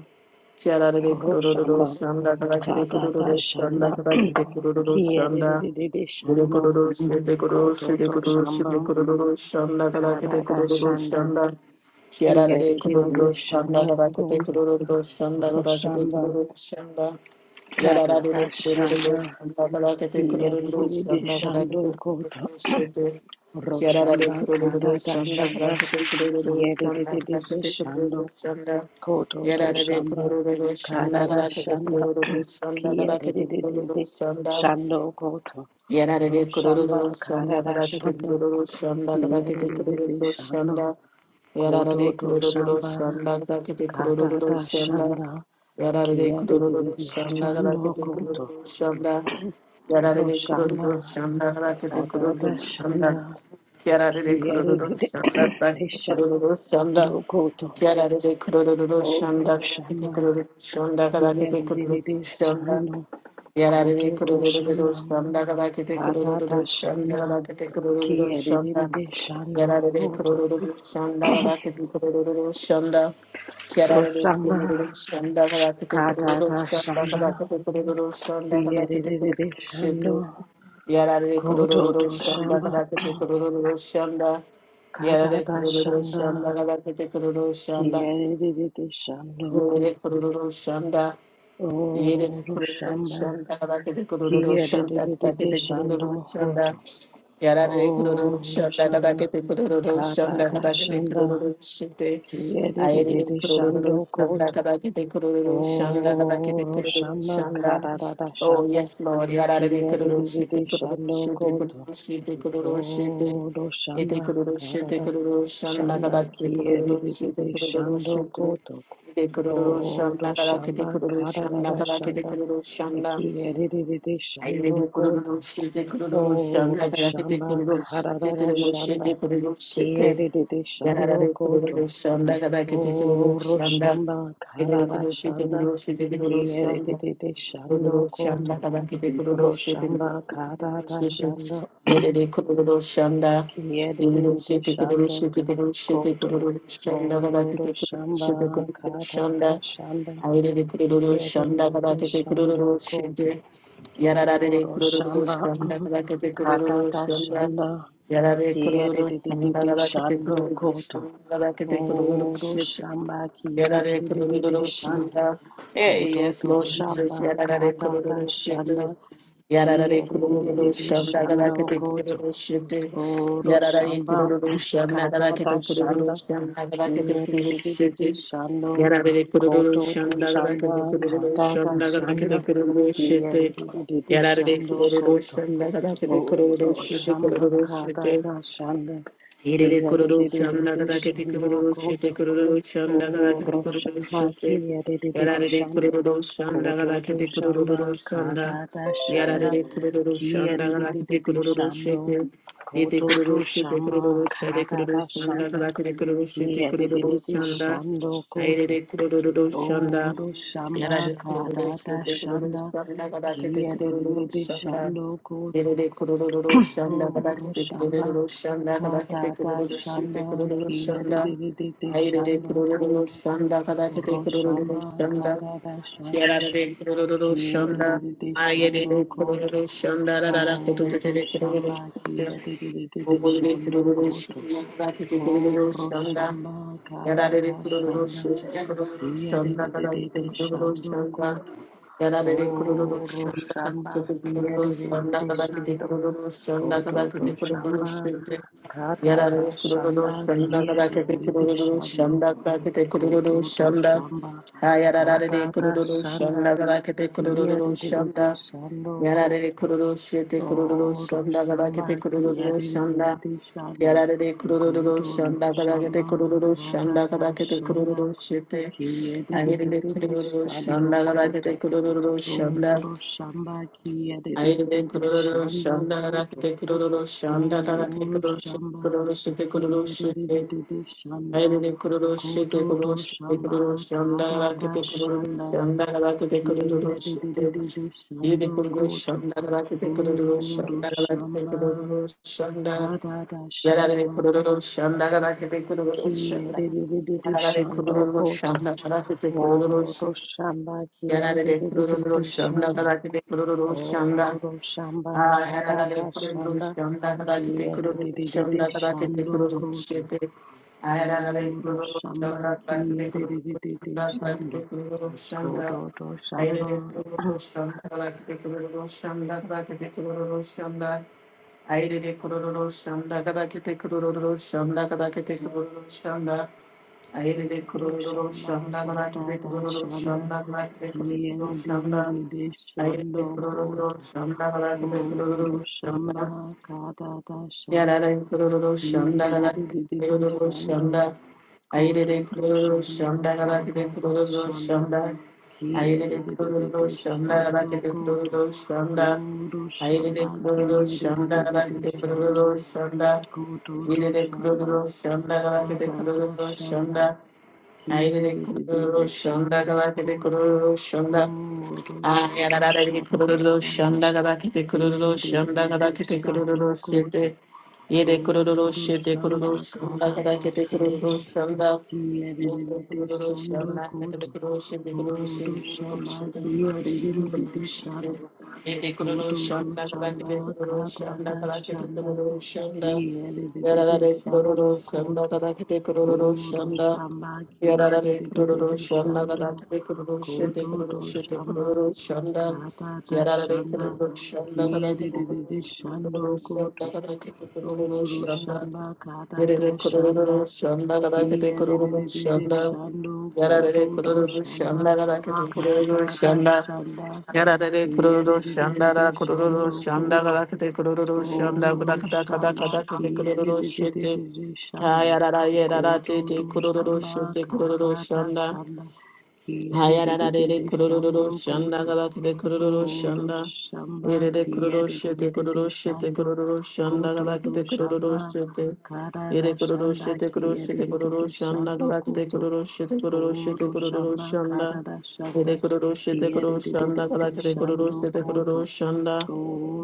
A: Yarare kururu
B: Roshamba
A: şanda garakete
B: Katata
A: kururu şanda
B: Shanda
A: garakete kururu şanda.
B: Kiyadidididi
A: Yere
B: Shando
A: kururu şete kururu
B: koto
A: şete
B: to
A: kururu şete
B: Shamba
A: kururu şanda garakete
B: Katata
A: kururu
B: Shanda
A: şanda. Kiarara de kururu
B: Kiyadidididi
A: shanda kada
B: Shando
A: kete
B: Koto
A: kururu shanda kada kete
B: Roshamba
A: kururu shanda. Yarara de
B: Katata
A: kururu
B: Shanda
A: shanda kada kete kururu
B: Kiyadidididi
A: shanda kada
B: Shando
A: kete
B: Koto
A: kururu shete. Kiarara de
B: Roshamba
A: kururu
B: Katata
A: shanda kada
B: Shanda
A: kete kururu shanda kada
B: Kiyadidididi
A: kete
B: Shando
A: kururu shanda.
B: Koto to
A: Yarara de
B: Shamba
A: kururu shanda
B: Karada
A: kada kete
B: Shanda
A: kururu shanda
B: Kia
A: kada
B: de
A: kete
B: de de de
A: kururu
B: de
A: shanda.
B: Shando Koto ro
A: Yarare kururu
B: Roshamba
A: şanda
B: Karada
A: kadakete
B: Shanda
A: kururu şanda
B: Kia de
A: kadakete
B: de de de
A: kururu
B: Shando
A: şanda
B: koto
A: yarare
B: to
A: kururu
B: Shamba
A: şanda kadakete kururu
B: Karada
A: şanda
B: Shanda
A: yarare
B: Kia de de de
A: kururu
B: de
A: şanda
B: Shando
A: kadakete
B: Koto
A: kururu şanda
B: ro
A: yarare kururu
B: Roshamba
A: şanda kadakete kururu
B: Karada
A: şanda
B: Shanda
A: yarare
B: Kia de de
A: kururu
B: de
A: şanda
B: de
A: kadakete kururu
B: Shando
A: şanda
B: Koto
A: yarare kururu şanda
B: ro
A: kadakete
B: shamba
A: kururu şanda
B: Kia
A: kadakete
B: de de
A: kururu
B: de de
A: şanda
B: Shando
A: Yarare
B: Kododo
A: kurururu
B: shamba,
A: şamda kada kete
B: padada
A: kurururu şamda
B: shanda,
A: kada kete kurururu
B: kiyedede
A: şamda
B: shanda
A: yarare
B: kodo.
A: kurururu şamda kada kete kurururu şamda yarare
B: Roshama,
A: kurururu şamda kada kete kurururu
B: kadada
A: şamda kada
B: shanda,
A: kete kurururu şamda kada kete
B: kiyedede
A: kurururu şamda
B: shando.
A: yarare kurururu
B: Kododo
A: şamda
B: shamba,
A: kada kete kurururu şamda yarare
B: kadada
A: kurururu
B: shanda,
A: şamda kada kete kurururu şamda
B: kiyedede shando
A: yarare
B: kodo.
A: kurururu şamda Yere
B: Oh,
A: kururu
B: Roshama,
A: şanda rakete kururu şanda
B: kiyedede
A: rakete kururu
B: shando
A: şanda
B: kodo.
A: yarare kururu
B: o
A: şanda
B: Roshama,
A: rakete kururu şanda
B: kadada
A: rakete
B: shanda.
A: kururu şite ayere
B: Kiyedididi shando
A: kururu
B: koto.
A: şanda rakete kururu şanda rakete
B: Oro
A: kururu
B: shama
A: şanda
B: kararara
A: Oh
B: shanda.
A: yes Lord yarare kururu şite
B: Kiyedididi
A: kururu
B: shando
A: şite
B: koto.
A: kururu şite kururu şite
B: Oro
A: ete
B: shama
A: kururu şite
B: karara
A: kururu şanda
B: shanda.
A: rakete kururu şite
B: Kiyedididi
A: kururu
B: shando
A: şite
B: koto.
A: de kururu
B: Oro
A: şanda kara kete
B: shama
A: kururu şanda
B: kararara
A: kara kete
B: shanda.
A: kururu şanda
B: Kiyedididi
A: ayrı
B: shando
A: bir
B: koto.
A: kururu şete kururu şanda
B: Oro
A: kara kete
B: shama
A: kururu şete
B: kararara
A: kururu
B: shanda.
A: şete kururu şete
B: Kiyedididi shando
A: yarara de
B: koto.
A: kururu şanda kara kete kururu
B: O
A: şanda
B: Roshamba
A: ayrı bir
B: Karada
A: kururu şete
B: Shanda
A: kururu şete kururu şanda
B: Kiedede Shando
A: kururu şanda
B: Koto
A: kara kete kururu şete kururu
B: Roshamba
A: şete kururu
B: Karada
A: şete
B: Shanda
A: yere de kururu şanda yürü
B: Kiedede
A: şete kururu
B: Shando
A: şete kururu şete
B: Koto
A: kururu şanda kara
B: O
A: kete kururu şete
B: Roshamba
A: kururu şanda
B: Karada Shanda
A: Ayrı de kururu şanda kadar
B: Kiedede
A: kete kururu
B: Shando Koto
A: şimdi yararare
B: O
A: de kururu
B: Roshamba
A: şanda kadar kete kururu
B: Karada
A: şanda
B: Shanda
A: yarare kururu şanda
B: Kiedede
A: kadar kete
B: Shando
A: kururu
B: Koto
A: şanda kadar kete kururu
B: O
A: şimdi
B: Roshamba
A: yarare
B: Kiedede
A: kururu
B: Shando
A: şanda Hey yes
B: Kododo
A: Lord
B: shamba
A: Jesus yararare
B: katata
A: kururu şimdi
B: shanda
A: Yarara
B: kia
A: de kururu
B: didididi
A: şamda kadar
B: shando
A: kete
B: koto.
A: kururu şete.
B: Odo
A: Yarara de
B: shamba
A: kururu şamda kadar
B: katata
A: kete kururu
B: shanda
A: şamda kadar kete
B: kia
A: kururu
B: didididi
A: şete.
B: shando
A: Yarara de kururu
B: kododo
A: şamda kadar
B: shamba
A: kete kururu
B: katata
A: şamda kadar
B: shanda
A: kete kururu
B: kia
A: şete.
B: didididi
A: Yarara de
B: shando
A: kururu
B: koto.
A: şamda kadar kete
B: Odo
A: kururu şete
B: shamba
A: kururu şete.
B: katata shanda
A: Irere
B: kia
A: kororo
B: didididi
A: shanda kada kete
B: shando
A: kororo shete
B: koto.
A: kororo shanda kada
B: Oro
A: kete kororo
B: roshamba
A: shete.
B: kia de de de de
A: Yarare de
B: shando.
A: kororo shanda
B: Koto
A: kada
B: to
A: kete
B: shamba
A: kororo shanda.
B: kata da
A: Yarare
B: shanda.
A: de kororo
B: Kia
A: shanda
B: de de
A: kada
B: de de
A: kete
B: de
A: kororo
B: shando.
A: shete. Ete
B: Koto to
A: kororo shete
B: shamba
A: kororo shete
B: kata
A: kororo
B: da
A: shanda
B: shanda.
A: kada kete kororo shete
B: Kia de de
A: kororo
B: de de
A: shanda.
B: shando
A: Aire
B: koto.
A: de kororo shanda.
B: Oro roshamba
A: Yarare de kororo
B: kata da
A: shete kororo
B: shanda.
A: shanda kada kete
B: Kia de de
A: kororo
B: de de
A: shanda.
B: shando koto.
A: Yerere kurulur şanda
B: Oro
A: kadar kete
B: roshamba
A: kurulur şanda kadar kete
B: kata da
A: kurulur şite
B: shanda.
A: kurulur
B: Kia de
A: şanda.
B: de de de de
A: Ayrere
B: shando
A: kurulur
B: koto.
A: şanda kadar kete kurulur
B: Roshamba
A: şanda.
B: Karada Shanda
A: Yerere kurulur
B: Kia de de
A: şanda.
B: de de Shando
A: Ayrere
B: Koto
A: kurulur şanda rara kutu
B: O
A: tete kurulur
B: Roshamba
A: şanda.
B: Kia de de de de de
A: Obodi de
B: Shando
A: kururu
B: Koto
A: şunda, belki de
B: O
A: kururu şunda,
B: Roshamba
A: yararı de
B: Karada
A: kururu
B: Shanda
A: şunda, kururu
B: Kia de
A: şunda,
B: de de de
A: belki
B: de
A: de kururu
B: Shando
A: şunda,
B: Koto
A: yararı de kururu
B: O
A: şunda, belki
B: Roshamba
A: de
B: Kia de
A: kururu
B: de de
A: şunda,
B: de
A: belki de
B: Shando
A: kururu şunda,
B: Koto
A: belki de
B: To
A: kururu
B: Shamba
A: şunda, yararı de
B: Karada
A: kururu
B: Shanda
A: şunda,
B: Kia de
A: belki
B: de
A: de
B: de de
A: kururu
B: Shando
A: şunda, belki de kururu
B: Gododo
A: şunda,
B: shamba
A: ha yararı de
B: kadada
A: kururu
B: shanda
A: şunda, belki de kururu
B: kiyadididi
A: şunda,
B: shando
A: Yarare
B: godo
A: kururu şete kururu
B: oro
A: şanda gada
B: shamba
A: kete kururu şanda.
B: kiyadididi shando
A: Yarare kururu
B: Koto to
A: şanda gada kete
B: shamba
A: kururu şanda
B: kadada
A: gada kete
B: shanda
A: kururu şete. Ayere
B: kiyadididi
A: kururu
B: shando
A: şanda gada
B: godo
A: kete kururu şanda.
B: oro shamba
A: Ayere
B: kiyadididi
A: kururu
B: shando
A: şanda gada
B: godo
A: kete kururu şanda gada kete
B: Guru
A: kururu şete
B: Shamba
A: kururu şete kururu
B: Kiya de de de
A: şete.
B: de de Shando
A: Ayrıca kuruluş, şirketi
B: Koto
A: kuruluş,
B: to
A: şirketi
B: Shamba
A: kuruluş, yanında
B: Kata ta
A: rakete kuruluş,
B: Shanda
A: yanında rakete
B: Kiya
A: kuruluş,
B: de de de
A: şirketi
B: de de
A: yedi
B: Shando
A: kuruluş,
B: Koto
A: yanında rakete kuruluş,
B: Odo
A: yanında rakete
B: Shamba
A: kuruluş, yanında
B: Kata ta
A: yararı
B: Shanda
A: kuruluş, yanında rakete kuruluş,
B: Kiya
A: yanında
B: de de de de de
A: yararı
B: Shando
A: kuruluş,
B: Koto
A: yanında rakete kuruluş,
B: Odo Shamba
A: yararı
B: Kiya de de de de de
A: kuruluş, yanında
B: Shando
A: rakete kuruluş, yanında
B: Oro shamba katata
A: Ayararare kururu
B: shanda
A: şonda kadar kite kururu
B: kiyerere
A: şonda kadar kite
B: shando
A: kururu
B: koto.
A: şete. Ayararare
B: Oro
A: kururu
B: shamba
A: şonda kadar kite kururu
B: kiyerere
A: şonda kadar
B: shando
A: kite kururu
B: koto
A: şonda.
B: to shamba
A: Ayararare kururu şonda kadar kite kururu kadar kite kururu şonda. Ayararare kadar kite kururu şonda kadar kite kururu şonda. Ayararare
B: koto to
A: kururu
B: shamba
A: kadar kite
B: katata
A: kururu
B: shanda
A: şonda kadar kite kururu şonda.
B: kiyerere shando
A: Ayararare kururu
B: koto.
A: şonda kadar kite
B: Oro
A: kururu şonda.
B: shamba katata shanda
A: Yarara kururu şanda gada
B: kiyerere
A: kururu
B: shando
A: şanda ayre
B: koto
A: de
B: to
A: kururu
B: shamba
A: şanda gada de
B: katata
A: kururu
B: shanda
A: şanda
B: Kia
A: ayre
B: de
A: de
B: de de de
A: kururu
B: de
A: şanda gada
B: shando
A: de
B: koto
A: kururu şanda
B: Odo
A: ayre
B: shamba
A: de kururu
B: kia de de
A: şanda
B: de de
A: gada
B: de
A: de
B: shando
A: kururu şanda
B: koto to
A: ayre de
B: shamba
A: kururu şanda gada de
B: kata da
A: kururu
B: shanda
A: şanda ayre
B: kia
A: de
B: de de de de
A: kururu şanda
B: shando
A: gada de
B: koto
A: kururu şanda
B: Odo shamba
A: Ayararare
B: kata da
A: kururu
B: shanda
A: şanda gada kete
B: kia
A: kururu
B: de de
A: şanda
B: de de
A: gada kete
B: shando
A: kururu
B: koto
A: sete. Yede kururu
B: Odo
A: şete
B: shamba
A: kururu şanda
B: kata
A: gada
B: da
A: kete
B: shanda
A: kururu şanda.
B: Kia de de de
A: Yede
B: de
A: kururu
B: shando
A: şanda kete
B: koto.
A: kururu şete kururu şete
B: Odo
A: kururu
B: shamba
A: şete
B: kia
A: kururu
B: de de
A: şete
B: de de
A: kururu
B: de
A: şete.
B: shando.
A: Yede kururu
B: Koto do
A: şanda gada
B: shamba
A: kete kururu şanda
B: katata
A: gada kete
B: shanda.
A: kururu şanda.
B: Kia de de de de
A: Yararare
B: shando
A: kururu şanda
B: koto.
A: gada kete kururu
B: Odo
A: şanda.
B: shamba kia
A: Yarara
B: de
A: de
B: de de de
A: kururu
B: de
A: şanda
B: shando.
A: kadar de kururu
B: Koto
A: şede kururu
B: do
A: şede
B: shamba
A: kururu şanda
B: katata
A: Yarara de
B: shanda.
A: kururu şanda
B: Kia
A: kadar
B: de
A: de
B: de
A: kururu
B: de de
A: şede
B: shando
A: kururu
B: koto.
A: şanda kadar de kururu
B: Odo
A: şanda
B: shamba
A: Yere
B: katata
A: de
B: shanda.
A: kururu şanda kadar de
B: Kia de de
A: kururu
B: de de de
A: şanda
B: shando
A: Yarara
B: koto
A: de
B: do
A: kururu
B: shamba
A: şanda kadar de
B: kada da
A: şanda
B: shanda.
A: やられれくるる
B: Kia de
A: る
B: de
A: しゃ
B: de
A: ん
B: de
A: だ
B: de
A: らくるる
B: shando
A: しゃんだが
B: koto
A: けてくるるしゃんだ
B: do
A: ぐだかだかだかだ
B: shamba.
A: けてく
B: Kia
A: るる
B: de de de
A: し
B: de
A: て。
B: de de shando
A: やららやららて
B: koto
A: て
B: do
A: くるるし
B: shamba
A: てくるる
B: kada
A: しゃ
B: da
A: んだ。
B: shanda. Kia
A: はい
B: de
A: あ
B: de
A: ら
B: de
A: らで
B: de
A: で
B: de
A: 黒黒黒
B: shando
A: 黒白
B: koto.
A: 黒白で黒黒黒白
B: Godo Shamba
A: でで黒黒白で黒
B: Kiedididididi
A: 黒白で
B: Shando
A: 黒黒黒白白黒白
B: Gododo
A: で黒黒
B: Shamba
A: 白で黒黒
B: Kadada
A: 白
B: Shanda
A: で黒黒黒
B: Kiedidididi
A: 白白
B: Shando
A: で黒
B: Koto
A: 黒白で黒黒白で
B: Godo
A: 黒黒黒
B: Shamba
A: 白
B: Kadada
A: 白で
B: Shanda
A: 黒黒白で黒黒
B: Kiedidididi
A: 白
B: Shando
A: で黒黒黒
B: Koto
A: 白白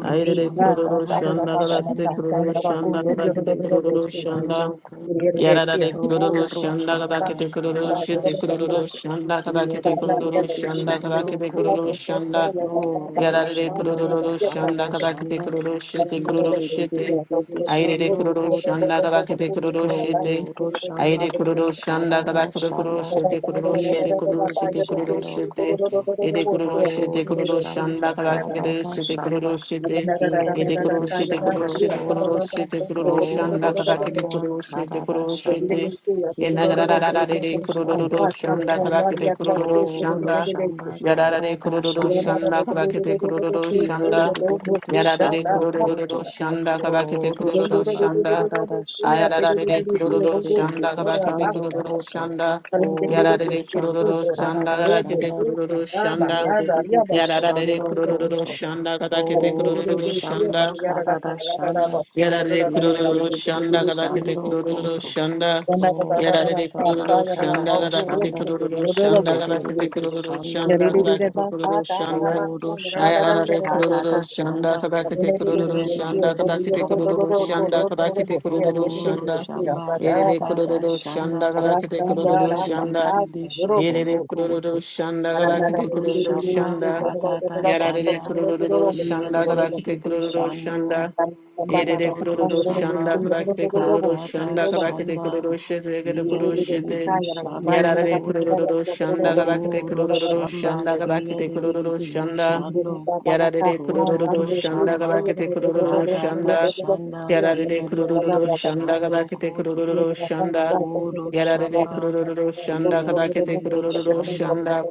A: あ いれれくるる
B: Shamba
A: るしゃんだ
B: Kadada
A: がだけでく
B: Shanda
A: るるしゃんだがだけで黒黒
B: Kiedidididi
A: 黒白白白白白白
B: Shando Koto
A: Yararare kururu
B: Oro
A: şanda kada
B: shamba
A: kete kururu
B: kada da
A: şete
B: shanda
A: kururu şanda kada
B: kia de
A: kete
B: de de de
A: kururu
B: de
A: şanda kada
B: shando
A: kete
B: koto.
A: kururu şanda
B: Oh,
A: や
B: do
A: られてくる
B: shamba
A: るるしゃ
B: kada
A: んだ
B: da
A: かだけて
B: shanda
A: くるるしてくる
B: kia
A: る
B: de
A: し
B: de de
A: て
B: de de
A: あいれて
B: shando
A: くるるしゃ
B: koto.
A: んだかだけてくるるして
B: Koro
A: あい
B: shamba
A: れくるるしゃんだか
B: karara
A: だけてくるる
B: shanda
A: してくるるして
B: kiyere
A: くるるし
B: dede
A: てくるる
B: shando
A: して
B: koto.
A: えでくるるしてく
B: Oro
A: るるしゃん
B: shamba
A: だかだけて
B: karara
A: してくる
B: shanda
A: るしてえ
B: kiyere
A: でくるる
B: dede
A: してくるる
B: shando
A: してくる
B: koto.
A: るしてくるるしゃん
B: Oro
A: だかだけて
B: shamba
A: くるるしてく
B: karara
A: るるし
B: shanda
A: てえなが
B: kiyere
A: らららられれ
B: dede
A: くるるる
B: shando
A: しゃんだ
B: koto.
A: かだけてくるるしゃん
B: Oro
A: だ
B: shamba
A: Yarare
B: karara
A: kurururu
B: shanda.
A: şanda kadakete kurururu
B: Ki
A: şanda.
B: Kiyadidididi
A: Yarare
B: shando koto.
A: kurururu şanda kadakete
B: Oro
A: kurururu
B: shamba
A: şanda.
B: karada shanda.
A: Ayarare
B: ki
A: kurururu şanda
B: Kiyadidididi
A: kadakete
B: shando
A: kurururu
B: koto.
A: şanda.
B: Oro
A: Yarare
B: shamba
A: kurururu şanda
B: karada
A: kadakete
B: shanda.
A: kurururu
B: ki
A: şanda.
B: Kiyadidididi
A: Yarare
B: shando
A: kurururu
B: koto.
A: şanda kadakete
B: Oro
A: kurururu
B: shamba
A: şanda.
B: karada shanda.
A: Yarare
B: ki
A: kururu
B: Kiyadidididi
A: şanda gada kete
B: shando
A: kururu
B: koto.
A: şanda.
B: Oro
A: Yarare
B: shamba
A: kururu şanda
B: karada
A: gada kete
B: shanda.
A: kururu
B: ki
A: şanda gada kete
B: Kiyadidididi
A: kururu
B: shando
A: şanda gada
B: koto.
A: kete kururu şanda.
B: Odo shanda
A: Ayarare
B: tata da
A: kururu şanda
B: shanda
A: gada kete
B: kia
A: kururu
B: de de
A: şanda
B: de de
A: gada kete
B: shando
A: kururu
B: koto.
A: şanda gada kete kururu
B: Odo
A: şanda.
B: shamba
A: Yerere
B: kata da
A: kururu
B: shanda
A: şanda gada kete kururu
B: kia de de de
A: şanda.
B: de de shando
A: Yerere
B: koto.
A: kururu şanda gada kete
B: Odo
A: kururu
B: shamba
A: şanda.
B: kata da
A: Yarare
B: shanda
A: kururu
B: kia de
A: şanda
B: de
A: gada
B: de de de
A: kururu
B: shando
A: şanda. Yedede
B: koto to
A: kururu
B: shamba
A: şanda kadakete kururu
B: kata
A: şanda kadakete
B: shanda
A: kururu şete gede
B: kia
A: kururu
B: de
A: şete.
B: shando
A: Yararare
B: koto.
A: kururu şanda kadakete
B: Odo
A: kururu
B: shamba
A: şanda
B: kia
A: kadakete
B: de de de
A: kururu
B: de de
A: şanda.
B: shando.
A: Yararare
B: Kododo
A: kururu şanda
B: Shamba
A: kadakete kururu
B: Kadada
A: şanda.
B: Shanda
A: Yararare kururu
B: Kiyadididi
A: şanda
B: Shando
A: kadakete
B: Koto
A: kururu şanda.
B: Odo
A: Yararare
B: Shamba
A: kururu şanda kadakete
B: Kiyadididi
A: kururu
B: Shando
A: şanda.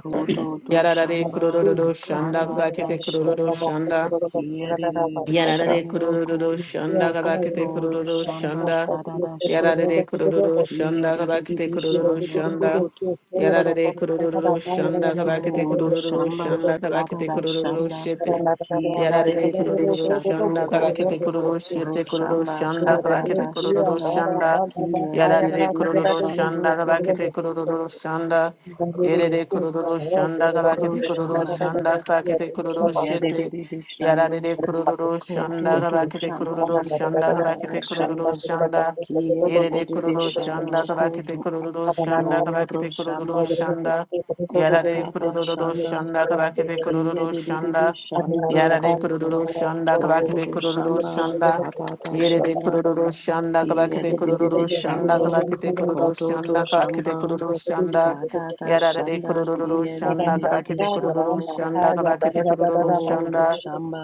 B: Kododo
A: Yararare
B: Shamba
A: kururu şanda
B: Kadada
A: kadakete kururu
B: Shanda
A: şanda.
B: Kiyadididi
A: Yarare
B: Shando
A: kururu
B: Koto
A: şanda kadakete
B: Odo
A: kururu
B: Shamba
A: şanda.
B: Kadada
A: Yarare
B: Shanda
A: kururu şanda kadakete
B: Kiyadididi
A: kururu
B: Shando
A: şanda.
B: Koto
A: Yarare kururu şanda kadakete
B: Oro
A: kururu
B: shamba
A: şanda kadakete
B: karara
A: kururu
B: shanda
A: şete.
B: kiere de
A: Yarare
B: de de de
A: kururu
B: shando
A: şanda
B: koto.
A: kadakete kururu
B: Oro
A: şete kururu
B: shamba
A: şanda kadakete
B: karara
A: kururu
B: shanda
A: şanda.
B: kiere de de
A: Yarare
B: de de
A: kururu
B: shando
A: şanda kadakete
B: koto.
A: kururu şanda. Yerere kururu şanda
B: Oro
A: kadakete kururu
B: shamba
A: şanda kadakete kururu
B: kiere de
A: şete.
B: de de shando
A: Yararede kururu şanda
B: koto
A: kadar
B: to
A: kete
B: shamba
A: kururu şanda kadar
B: karara
A: kete
B: shanda
A: kururu şanda.
B: kiere de de
A: Yerede
B: de de
A: kururu şanda
B: shando
A: kadar
B: koto.
A: kete kururu şanda kadar
B: Oro
A: kete kururu
B: shamba
A: şanda. Yararede
B: karara
A: kururu
B: shanda
A: şanda kadar kete
B: kiere
A: kururu
B: de de de de
A: şanda.
B: shando
A: Yararede
B: koto.
A: kururu şanda kadar kete
B: Odo
A: kururu
B: Shamba
A: şanda.
B: Kadada
A: Yerede
B: Shanda
A: kururu şanda kadar
B: Ki
A: kete kururu
B: Edididi
A: şanda
B: Shando
A: kadar kete kururu
B: Kododo
A: şanda kadar kete
B: Shamba
A: kururu şanda.
B: Kadada
A: Yararede
B: Shanda Ki
A: kururu şanda kadar
B: Edididi
A: kete kururu
B: Shando
A: şanda
B: Koto
A: kadar kete kururu
B: Odo
A: şanda.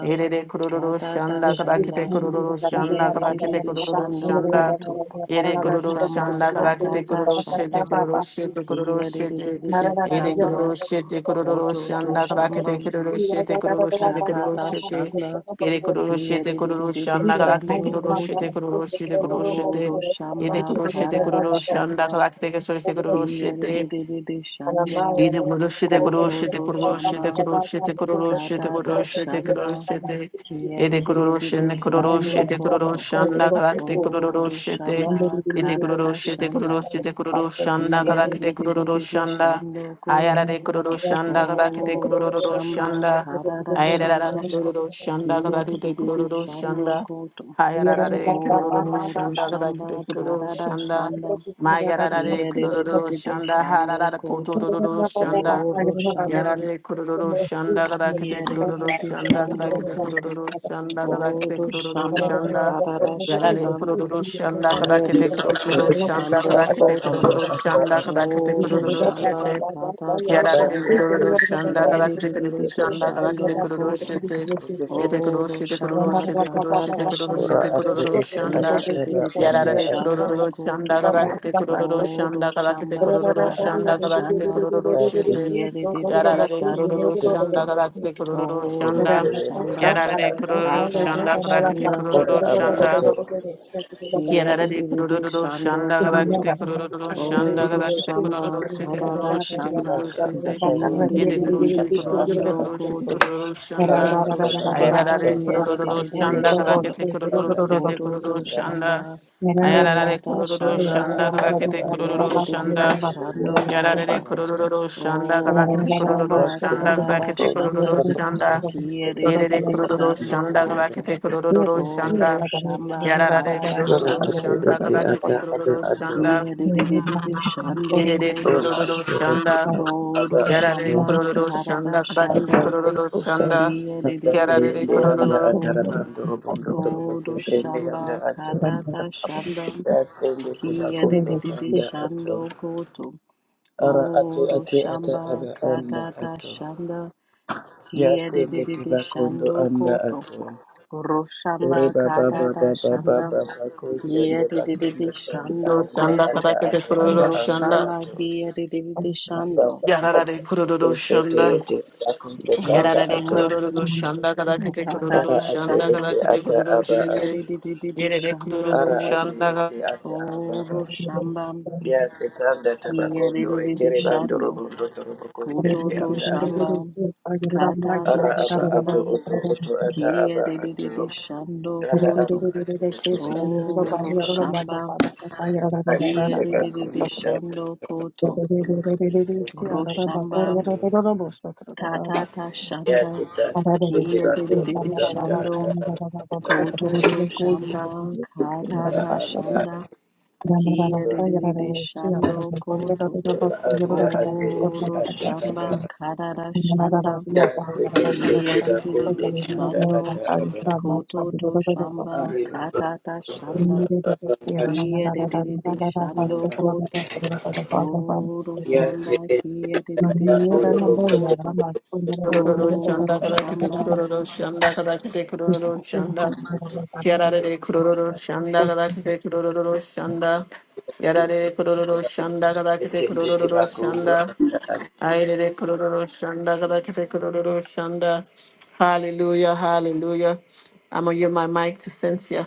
A: エ レレクロロロシャン
B: Kadada
A: ダカダケテ
B: Shanda
A: クロロロシャン
B: Ki
A: ダカダケテク
B: Edididi
A: ロロロシャ
B: Shando
A: ンダ
B: Koto
A: エレク
B: Do
A: ロロシャン
B: Shamba
A: ダカダケテクロ
B: Kadada
A: ロシェテ
B: Shanda
A: クロロシェテクロ
B: Ki
A: ロシェテ
B: Edididi
A: エレクロ
B: Shando
A: ロシェテクロロロシ
B: Koto
A: ャン
B: Do
A: ダカダケテク
B: Shamba
A: ロロシェテクロロシェテクロロ
B: Kadada
A: シェテ
B: Shanda
A: エレクロロシェテクロロシャ
B: Kiyadidididi
A: ンダカダケ
B: shando
A: テクロロシェ
B: koto.
A: テクロロシェテクロロシェテ
B: Oro
A: エレク
B: shamba
A: ロシェテクロ
B: karara
A: ロシャンダカ
B: shanda.
A: ダケテクロロシェテ
B: Kiyadidididi shando.
A: İdi gurushi de
B: Koto
A: gurushi de
B: do
A: gurushi
B: shamba.
A: de gurushi de gurushi de
B: Katata
A: gurushi de
B: shanda.
A: gurushi de İdi gurushi
B: Kiyadidididi
A: de gurushi
B: shando
A: de
B: koto.
A: gurushi anda kalak de
B: Oro
A: gurushi de
B: shamba
A: İdi
B: karara
A: gurushi de
B: shanda.
A: gurushi de gurushi anda kalak de gurushi
B: Kiyadidididi
A: anda
B: shando
A: Ayara
B: koto.
A: de gurushi anda kalak de
B: Oro
A: gurushi
B: shamba
A: anda
B: karara
A: Ayara da
B: shanda.
A: gurushi anda kalak de
B: Kiyadidididi
A: gurushi
B: shando
A: anda
B: koto.
A: Ayara de
B: Oh,
A: gurushi anda kalak de
B: Doshamba,
A: gurushi
B: Karada
A: anda
B: Shanda,
A: Mayarare
B: Kia de de de
A: kururu
B: de de
A: şanda
B: Shando
A: harara
B: Koto.
A: kururu şanda.
B: Oh, Roshamba,
A: Yarare kururu şanda kadakete
B: Kia de de
A: kururu
B: de de
A: şanda
B: Shando
A: kadakete
B: Koto.
A: kururu şanda
B: Oh,
A: kadakete kururu
B: Doshamba,
A: şanda.
B: Karada
A: Yarare
B: Shanda,
A: kururu şanda
B: Kia de
A: kadakete
C: aka aba anda
B: de de de
A: kururu
C: aka
B: de
A: şanda
B: Shando
A: kadakete
B: Koto.
A: kururu
C: aba
A: şanda kadakete
B: Oh,
C: anda
A: kururu
C: aka
B: Doshamba,
A: şete.
B: Karada
A: Yarare de
B: Shanda,
A: kururu şanda
B: Kia
A: kadar
B: de
A: kırı
B: de de
A: kururu
B: de de
A: şanda kadar kırı
B: Shando
A: kururu
B: Koto.
A: şete. Yete
B: Oh,
A: kururu şete kururu
B: Doshamba,
A: şete kururu şete
B: Karada
A: kururu
C: ora
A: şete
B: Shanda,
C: ate
A: kururu
C: ete
B: Kia
C: ata
A: şanda.
B: de de
C: aba
B: de de de
C: anda
A: Yarare
C: aka
B: Shando
A: kururu
B: Koto.
A: şanda kadar kırı kururu
B: Oro
A: şanda kadar kırı
B: shamba
A: kururu
C: aka
A: şanda
B: karara
A: kadar kırı
B: shanda
A: kururu
C: ate
A: şete.
B: kiere de de de
A: Yarare de
B: shando
A: kururu
B: koto.
A: şanda kadar kırı kururu
C: Okombe
A: şanda.
B: Oro
C: yende
B: shamba
C: anda
A: Yarare de
C: aka
A: kururu
B: tata
A: şanda
B: ta
A: kadar kırı
B: shanda
C: ora
A: kururu
C: aba
A: şanda.
C: ato
B: kiere
A: Kiarara
B: de
A: de
B: de de
A: kurururu
B: shando
A: shanda
B: koto.
A: gabakete kurururu shanda
C: aka
B: Oro
A: gabakete
C: aka
B: shamba
A: kurururu shete
B: karara
A: kurururu shete
B: shanda
A: kurururu
C: aka anda
A: shete
B: kiere
C: kayende
B: de de
A: yede kurururu
B: de de
A: shete
C: aka
A: kurururu
C: aka
B: shando
A: shete
C: aka
A: kurururu shete
B: koto.
A: kurururu
C: ora
A: shanda
B: Oro
C: aka aka aka
B: shamba
A: ayarara de
B: kiere de
A: kurururu
B: de de de
A: shanda
C: aka
B: shando.
A: gabakete
C: aka
A: kurururu
C: anda
A: shete
B: Kodo
A: kurururu
B: do
C: kayende
A: shanda
B: Shamba,
A: ayarara de
B: Kadada
A: kurururu
C: Ora
B: Shanda,
A: shanda
C: ate ete
A: gabakete
C: ata
B: Kiede
A: kurururu
B: de de
C: aba
B: de de
A: shanda
B: Shando
A: yarara de
B: Godo,
A: kurururu shanda
B: Odo
A: gabakete kurururu
B: Shamba,
A: shanda
B: Kadada
A: gabakete
C: ato.
A: kurururu
B: Shanda,
A: shanda
B: Kiede de de
A: yede
B: de
A: de
B: de
A: kurururu
B: Shando
A: shanda
B: Godo,
A: gabakete kurururu shanda
B: Odo Shamba,
A: Yarare
B: Kadada
C: Ora
A: kururu
B: Shanda,
C: ate
A: şanda
C: ete ata
A: kabakete kururu şanda
B: Kiede de de de de de Shando
A: yerere
B: Godo,
A: kururu şanda
C: aba
B: Odo
C: ato.
A: yarare
B: Shamba,
A: kururu
B: Kadada
A: şanda kabakete
C: Ata
B: Shanda,
A: kururu
C: usa.
A: şanda
B: Kiede de de de
C: Data
B: de
A: yarare
C: yende anda
B: Shando
A: kururu
B: Godo,
C: atarabando robondo torobo
B: Odo
C: kushende anda
B: Shamba,
C: ato.
B: Kadada Shanda,
C: Datende
B: Kia de de
C: tibakondo
B: de de
C: tanda ato.
B: shando koto.
C: Ara ato
B: Oro
C: ate ata
B: shamba
C: aba anda
B: katata
C: ato.
B: shanda. Kia de de
C: Yakende
B: de de
C: tibakondo
B: shando
C: anda
B: koto.
C: ato.
B: Oro
C: Ore
B: shamba
C: baba
B: katata
C: baba baba
B: shanda.
C: baba
B: Kia
C: kusende
B: de de de
C: bakondo
B: de
C: anda
B: shando
C: anda
A: şanda
B: koto.
C: ata
A: kabakete
C: ato
A: kururu
C: aba
B: Oro
C: anda
A: şanda
B: shamba
C: ato.
B: kia de de de de
C: Baba
B: shando.
C: baba baba
A: yarare kururu
C: kushete
A: şanda
C: yete bakondo
B: Oro
C: anda
A: yarare
C: ato.
B: shamba
A: kururu şanda kabakete kururu
C: Ara
B: katata
C: ate
A: şanda
B: shanda.
C: ete
A: kabakete
C: ata
A: kururu
C: aba a.
B: Kia
A: şete
B: de de de de de
A: yerere
B: shando
A: kururu
C: Ara
B: koto.
C: ate
A: şanda
C: ete ata aba a.
B: Oro shamba
C: Ya tetanda
B: kia de
C: tabakondo
B: de de de
C: etere bandoro
B: shando.
C: bondo torobo kushende
B: Kododo
C: anda
B: shamba
C: ata.
B: katata
C: Ara aba
B: shanda
C: ato oto oto ata aba
B: kiyedididi
C: ato.
B: shando
C: Tara
B: koto
C: aba ato oto ete ato
B: oro
C: aba ato
B: shamba
C: ashende
B: kiyedididi
C: kakondo tanda
B: shando koto
C: tanda
B: ro shamba
C: ato
B: katata
C: ya
B: shanda
C: teta tete te kakondo
B: kiyedididi
C: tanda
B: shando
C: ata aba
B: kototo shamba
C: anda ato ora
B: katata
C: anda
B: shanda
C: ato
B: kiyedididi shando koto
C: ora anda ate ete
B: oro
C: ata
B: shamba
C: aba
B: katata shanda
C: da sekende te kakondo
B: Kiyadididi
C: tanda
B: shando,
C: ata aba
B: kototo shamba,
C: ari baba
B: katata shanda,
C: ashende
B: kiyadididi shando koto, odo
C: ya
B: shamba,
C: tete
B: kiyadididi
C: kando
B: shando
C: robondo
B: koto,
A: Kururu
B: odo
A: şanda kadar kete
B: shamba.
A: kururu şanda kadar kete kururu şanda. Yarare de kururu şanda kadar kete kururu şanda. Yarare de kururu şanda kadar kete
C: tete
A: kururu
C: kakondo
A: şanda. Aile de kururu şanda kadar kete kururu şanda. Hallelujah, hallelujah. I'm gonna give my mic to Cynthia.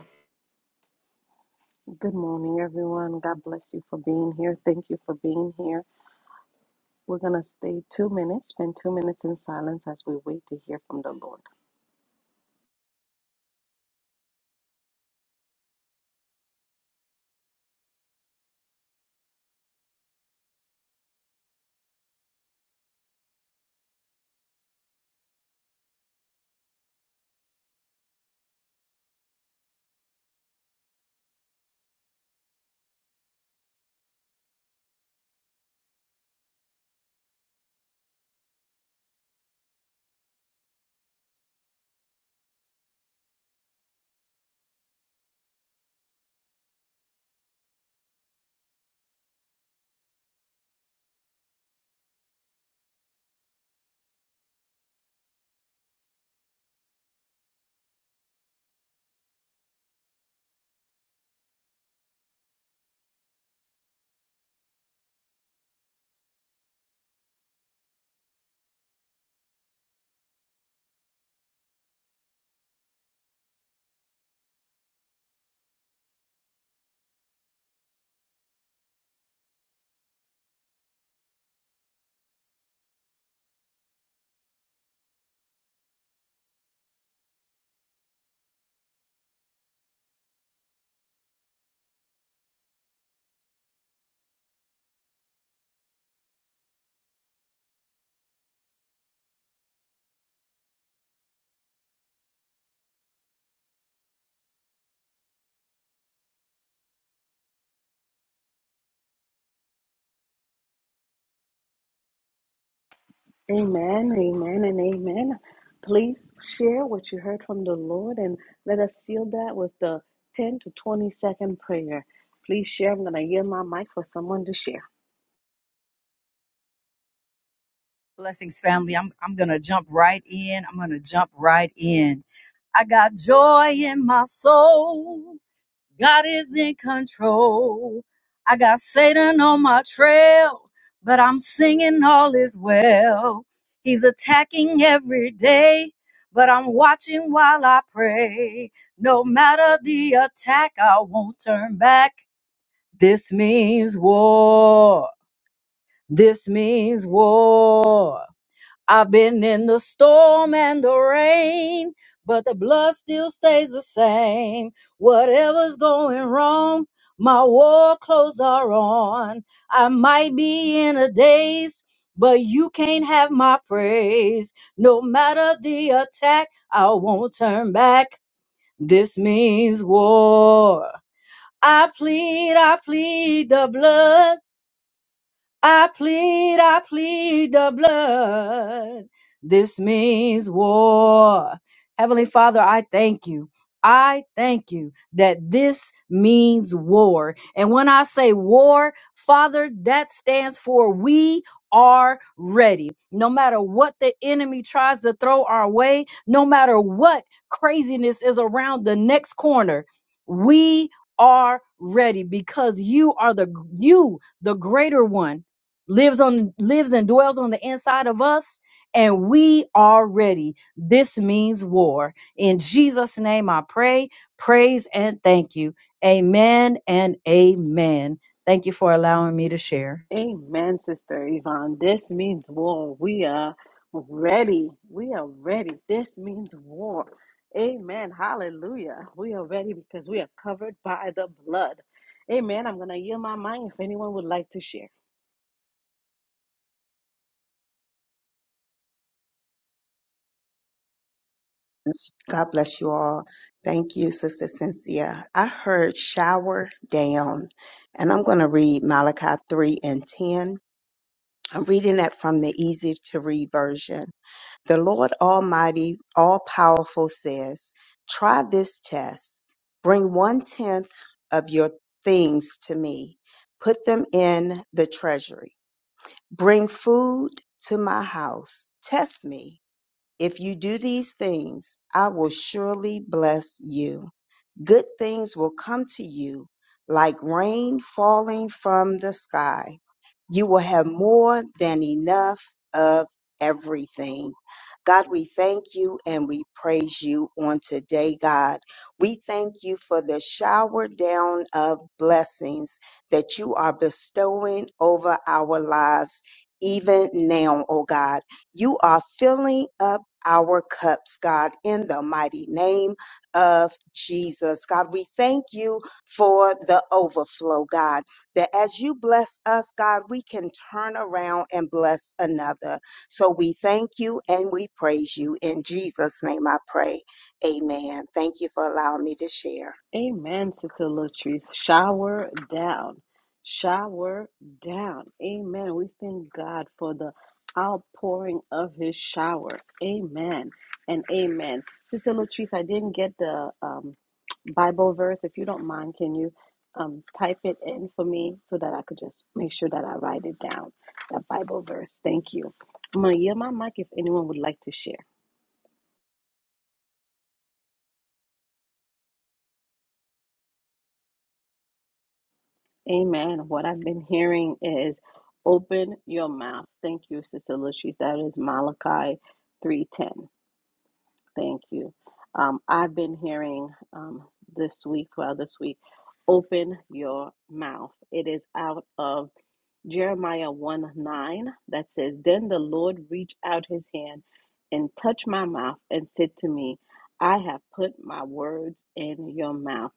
B: Good morning, everyone. God bless you for being here. Thank you for being here. We're going to stay two minutes, spend two minutes in silence as we wait to hear from the Lord. Amen, amen, and amen. Please share what you heard from the Lord and let us seal that with the 10 to 20 second prayer. Please share. I'm going to yield my mic for someone to share.
D: Blessings, family. I'm I'm gonna jump right in. I'm gonna jump right in. I got joy in my soul. God is in control. I got Satan on my trail, but I'm singing all is well. He's attacking every day, but I'm watching while I pray. No matter the attack, I won't turn back. This means war. This means war. I've been in the storm and the rain, but the blood still stays the same. Whatever's going wrong, my war clothes are on. I might be in a daze, but you can't have my praise. No matter the attack, I won't turn back. This means war. I plead, I plead the blood. I plead, I plead the blood. This means war. Heavenly Father, I thank you. I thank you that this means war. And when I say war, Father, that stands for we are ready. No matter what the enemy tries to throw our way, no matter what craziness is around the next corner, we are ready because you are the you the greater one lives on lives and dwells on the inside of us and we are ready this means war in jesus name i pray praise and thank you amen and amen thank you for allowing me to share
B: Amen, Sister Yvonne. This means war. We are ready. We are ready. This means war. Amen. Hallelujah. We are ready because we are covered by the blood. Amen. I'm going to yield my mic if anyone would like to share.
E: God bless you all. Thank you, Sister Cynthia. I heard shower down, and I'm going to read Malachi 3 and 10. I'm reading that from the easy to read version. The Lord Almighty, all powerful, says, Try this test. Bring one tenth of your things to me, put them in the treasury. Bring food to my house. Test me if you do these things, I will surely bless you. Good things will come to you like rain falling from the sky. You will have more than enough of everything. God, we thank you and we praise you on today, God. We thank you for the shower down of blessings that you are bestowing over our lives. Even now, oh God, you are filling up our cups, God, in the mighty name of Jesus. God, we thank you for the overflow, God, that as you bless us, God, we can turn around and bless another. So we thank you and we praise you. In Jesus' name I pray. Amen. Thank you for allowing me to share.
B: Amen, Sister Latrice. Shower down. Shower down. Amen. We thank God for the outpouring of his shower. Amen and amen. Sister Latrice, I didn't get the um, Bible verse. If you don't mind, can you um, type it in for me so that I could just make sure that I write it down? That Bible verse. Thank you. I'm going to yield my mic if anyone would like to share. Amen. What I've been hearing is open your mouth. Thank you, Sister Lucy. That is Malachi 3:10. Thank you. Um, I've been hearing um, this week, well, this week, open your mouth. It is out of Jeremiah 1 9 that says, Then the Lord reached out his hand and touched my mouth and said to me, I have put my words in your mouth.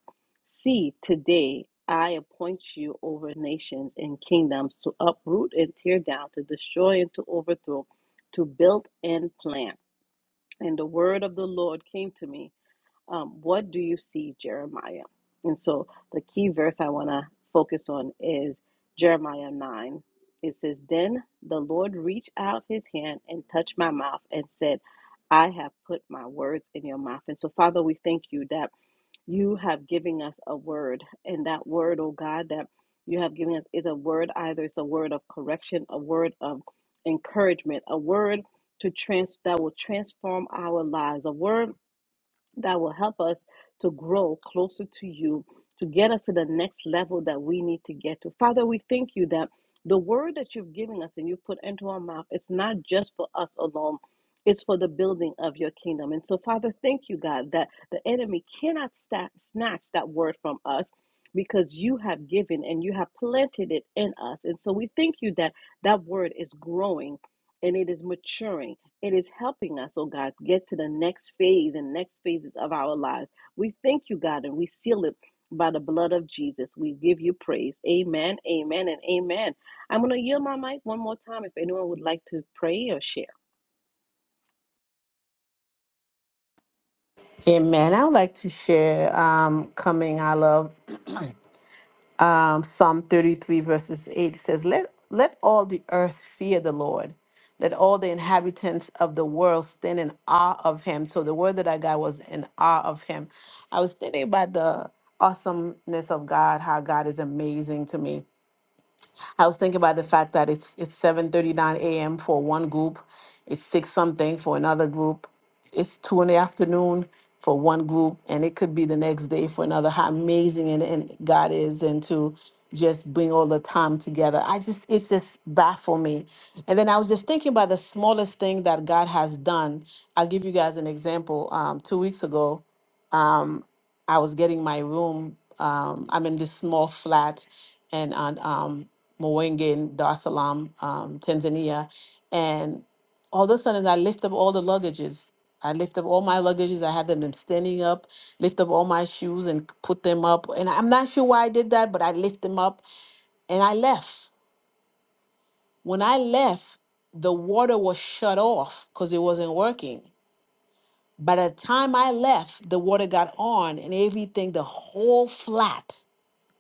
B: See, today I appoint you over nations and kingdoms to uproot and tear down, to destroy and to overthrow, to build and plant. And the word of the Lord came to me um, what do you see, Jeremiah? And so the key verse I want to focus on is Jeremiah 9. It says, Then the Lord reached out his hand and touched my mouth and said, I have put my words in your mouth. And so, Father, we thank you that you have given us a word. And that word, oh God, that you have given us is a word either it's a word of correction, a word of encouragement, a word to trans that will transform our lives, a word that will help us to grow closer to you, to get us to the next level that we need to get to. Father, we thank you that the word that you've given us and you've put into our mouth, it's not just for us alone. It's for the building of your kingdom. And so, Father, thank you, God, that the enemy cannot sta snatch that word from us because you have given and you have planted it in us. And so, we thank you that that word is growing and it is maturing it is helping us, oh God, get to the next phase and next phases of our lives. We thank you, God, and we seal it by the blood of Jesus. We give you praise. Amen, amen, and amen. I'm going to yield my mic one more time if anyone would like to pray or share.
A: Amen. I would like to share um, coming. I love. um, Psalm 33, verses 8 says, let, let all the earth fear the Lord. Let all the inhabitants of the world stand in awe of him. So the word that I got was in awe of him. I was thinking about the awesomeness of God, how God is amazing to me. I was thinking about the fact that it's it's seven thirty nine a.m. for one group, it's six something for another group, it's two in the afternoon for one group, and it could be the next day for another. How amazing and, and God is, and to just bring all the time together. I just it just baffled me. And then I was just thinking about the smallest thing that God has done. I'll give you guys an example. Um, two weeks ago. um, I was getting my room. Um, I'm in this small flat and on um, Mwenge in Dar es Salaam, um, Tanzania. And all of a sudden, I lift up all the luggages. I lift up all my luggages. I had them in standing up, lift up all my shoes and put them up. And I'm not sure why I did that, but I lift them up and I left. When I left, the water was shut off because it wasn't working. By the time I left, the water got on and everything, the whole flat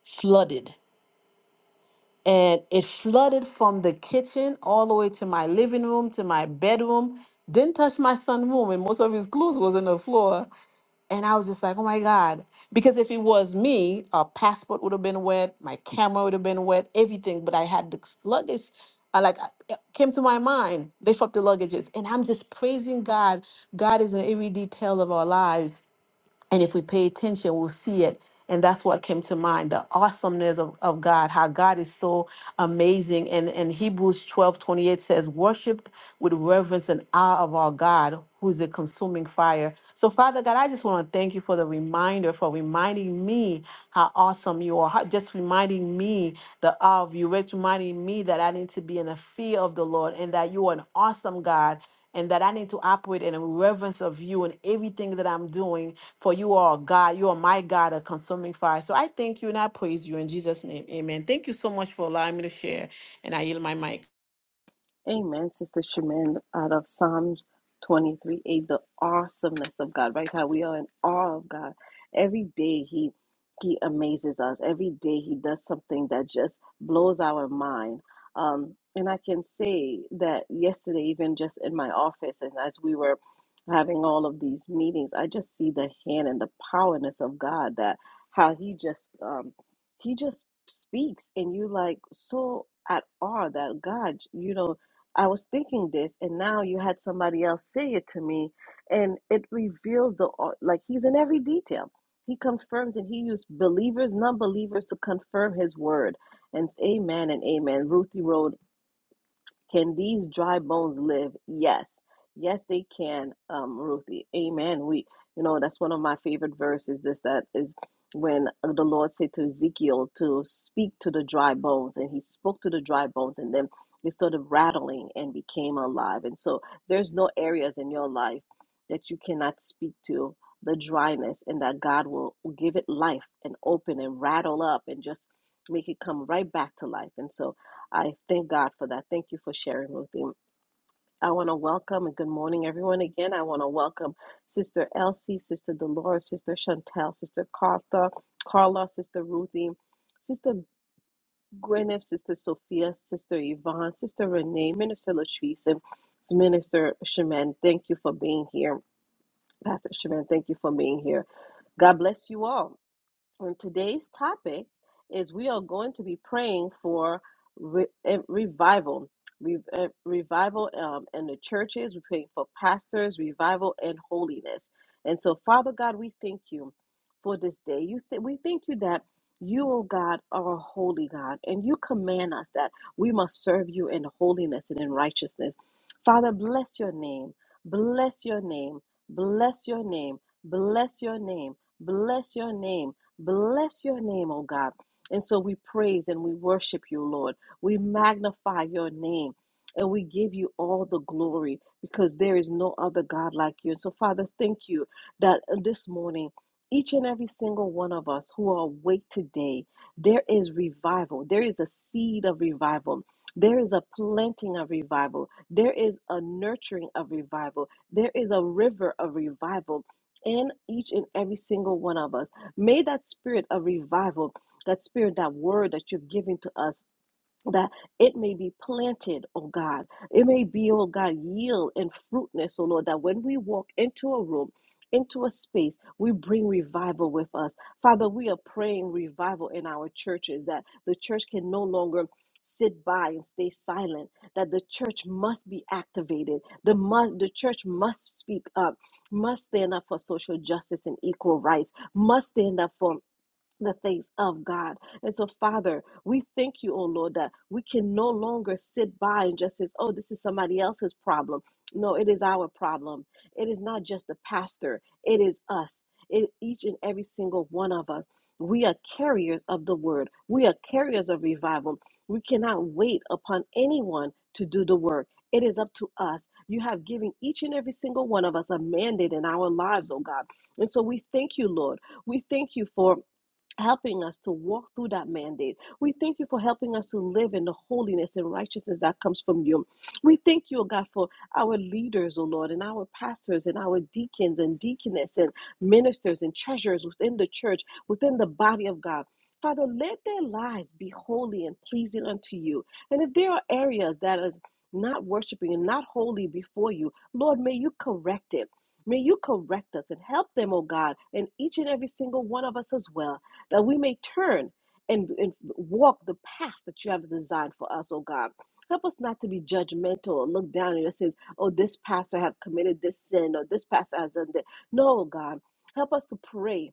A: flooded. And it flooded from the kitchen all the way to my living room, to my bedroom. Didn't touch my son's room, and most of his clothes was in the floor. And I was just like, oh my God. Because if it was me, our passport would have been wet, my camera would have been wet, everything. But I had the luggage. I like I- it came to my mind, lift up the luggages. And I'm just praising God. God is in every detail of our lives and if we pay attention, we'll see it. And that's what came to mind the awesomeness of, of God, how God is so amazing. And, and Hebrews twelve twenty eight says, Worship with reverence and awe of our God, who's the consuming fire. So, Father God, I just want to thank you for the reminder, for reminding me how awesome you are, how, just reminding me the awe of you, just reminding me that I need to be in the fear of the Lord and that you are an awesome God and that I need to operate in a reverence of you in everything that I'm doing. For you are God, you are my God, a consuming fire. So I thank you and I praise you in Jesus' name. Amen. Thank you so much for allowing me to share, and I yield my mic.
B: Amen, Sister Shemin, out of Psalms 23 8, the awesomeness of God, right? How we are in awe of God. Every day He He amazes us. Every day He does something that just blows our mind. Um, and I can say that yesterday, even just in my office, and as we were having all of these meetings, I just see the hand and the powerness of God that how He just um, He just speaks, and you like so at awe that God, you know I was thinking this, and now you had somebody else say it to me, and it reveals the like he's in every detail. He confirms and he used believers, non believers to confirm his word. And amen and amen. Ruthie wrote, can these dry bones live? Yes. Yes, they can, um, Ruthie. Amen. We, you know, that's one of my favorite verses. This that is when the Lord said to Ezekiel to speak to the dry bones, and he spoke to the dry bones, and then it started rattling and became alive. And so there's no areas in your life that you cannot speak to the dryness, and that God will give it life and open and rattle up and just make it come right back to life. And so I thank God for that. Thank you for sharing with him. I want to welcome and good morning, everyone. Again, I want to welcome Sister Elsie, Sister Dolores, Sister Chantel, Sister Cartha, Carla, Sister Ruthie, Sister Gwyneth, Sister Sophia, Sister Yvonne, Sister Renee, Minister Latrice, and Minister Shemin. Thank you for being here. Pastor Shemin, thank you for being here. God bless you all. And today's topic is we are going to be praying for re- eh, revival, re- eh, revival um, in the churches. We're praying for pastors, revival and holiness. And so, Father God, we thank you for this day. You th- we thank you that you, oh God, are a holy God, and you command us that we must serve you in holiness and in righteousness. Father, bless your name. Bless your name. Bless your name. Bless your name. Bless your name Bless your name, oh God. And so we praise and we worship you, Lord. We magnify your name and we give you all the glory because there is no other God like you. And so, Father, thank you that this morning, each and every single one of us who are awake today, there is revival. There is a seed of revival. There is a planting of revival. There is a nurturing of revival. There is a river of revival in each and every single one of us. May that spirit of revival, that spirit, that word that you're giving to us, that it may be planted, oh God. It may be, oh God, yield and fruitness, oh Lord, that when we walk into a room, into a space, we bring revival with us. Father, we are praying revival in our churches, that the church can no longer sit by and stay silent, that the church must be activated, the, mu- the church must speak up. Must stand up for social justice and equal rights. Must stand up for the things of God. And so, Father, we thank you, oh Lord, that we can no longer sit by and just say, oh, this is somebody else's problem. No, it is our problem. It is not just the pastor, it is us, it, each and every single one of us. We are carriers of the word, we are carriers of revival. We cannot wait upon anyone to do the work. It is up to us. You have given each and every single one of us a mandate in our lives, oh God. And so we thank you, Lord. We thank you for helping us to walk through that mandate. We thank you for helping us to live in the holiness and righteousness that comes from you. We thank you, O God, for our leaders, O Lord, and our pastors and our deacons and deaconess and ministers and treasurers within the church, within the body of God. Father, let their lives be holy and pleasing unto you. And if there are areas that is not worshiping and not holy before you, Lord, may you correct it. May you correct us and help them, O God, and each and every single one of us as well that we may turn and, and walk the path that you have designed for us, oh God. Help us not to be judgmental or look down and just say, oh, this pastor have committed this sin or this pastor has done that. No, God. Help us to pray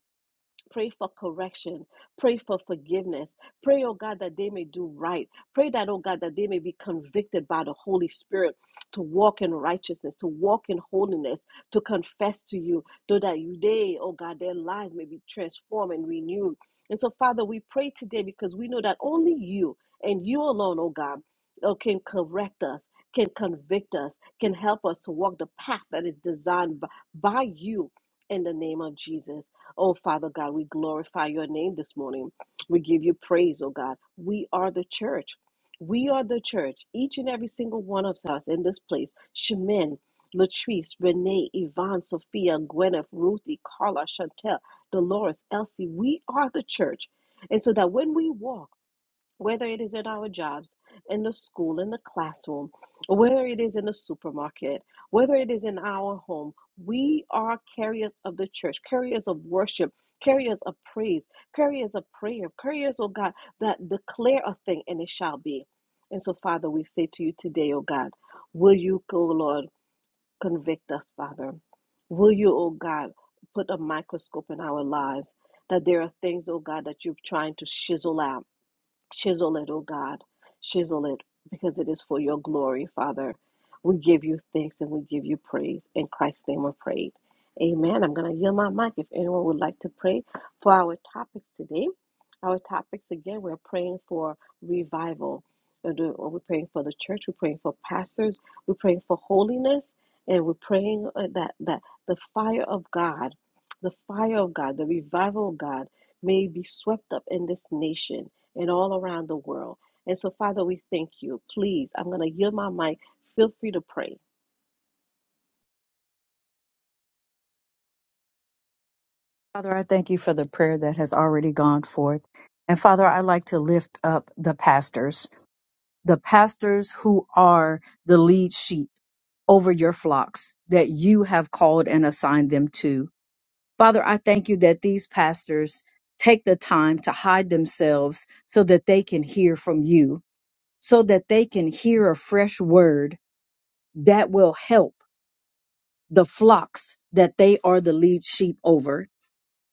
B: Pray for correction. Pray for forgiveness. Pray, oh God, that they may do right. Pray that, oh God, that they may be convicted by the Holy Spirit to walk in righteousness, to walk in holiness, to confess to you, so that you, they, oh God, their lives may be transformed and renewed. And so, Father, we pray today because we know that only you and you alone, oh God, oh, can correct us, can convict us, can help us to walk the path that is designed b- by you in the name of Jesus. Oh, Father God, we glorify your name this morning. We give you praise, oh God. We are the church. We are the church. Each and every single one of us in this place, Shemin, Latrice, Renee, Yvonne, Sophia, Gwyneth, Ruthie, Carla, Chantel, Dolores, Elsie, we are the church. And so that when we walk, whether it is at our jobs, in the school, in the classroom, whether it is in the supermarket, whether it is in our home, we are carriers of the church, carriers of worship, carriers of praise, carriers of prayer, carriers, oh God, that declare a thing and it shall be. And so, Father, we say to you today, oh God, will you, oh Lord, convict us, Father? Will you, oh God, put a microscope in our lives that there are things, oh God, that you're trying to chisel out? Chisel it, O God. Chisel it because it is for your glory, Father. We give you thanks and we give you praise. In Christ's name we pray. Amen. I'm going to yield my mic if anyone would like to pray for our topics today. Our topics, again, we're praying for revival. And, uh, We're praying for the church. We're praying for pastors. We're praying for holiness. And we're praying uh, that, that the fire of God, the fire of God, the revival of God may be swept up in this nation and all around the world. And so, Father, we thank you. Please, I'm going to yield my mic. Feel free to pray.
D: has already gone forth and father i like to lift up the pastors the pastors who are the lead sheep over your flocks that you have called and assigned them to Father, I thank you that these pastors take the time to hide themselves so that they can hear from you, so that they can hear a fresh word that will help the flocks that they are the lead sheep over.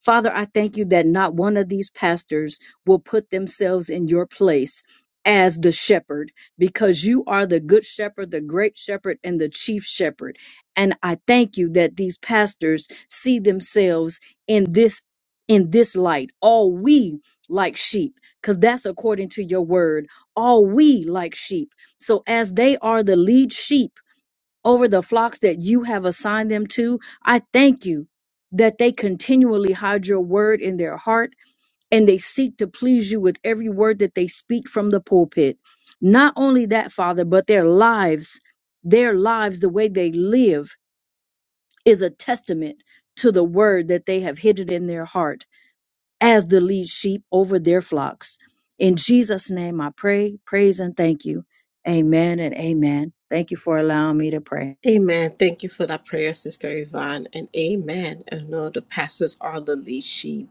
D: Father, I thank you that not one of these pastors will put themselves in your place as the shepherd because you are the good shepherd, the great shepherd, and the chief shepherd. And I thank you that these pastors see themselves in this in this light all we like sheep because that's according to your word all we like sheep so as they are the lead sheep over the flocks that you have assigned them to. I thank you that they continually hide your word in their heart and they seek to please you with every word that they speak from the pulpit. Not only that, Father, but their lives, their lives, the way they live is a testament to the word that they have hidden in their heart as the lead sheep over their flocks. In Jesus' name I pray, praise, and thank you. Amen and amen. Thank you for allowing me to pray.
B: Amen. Thank you for that prayer, Sister Yvonne. And amen. I know the pastors are the lead sheep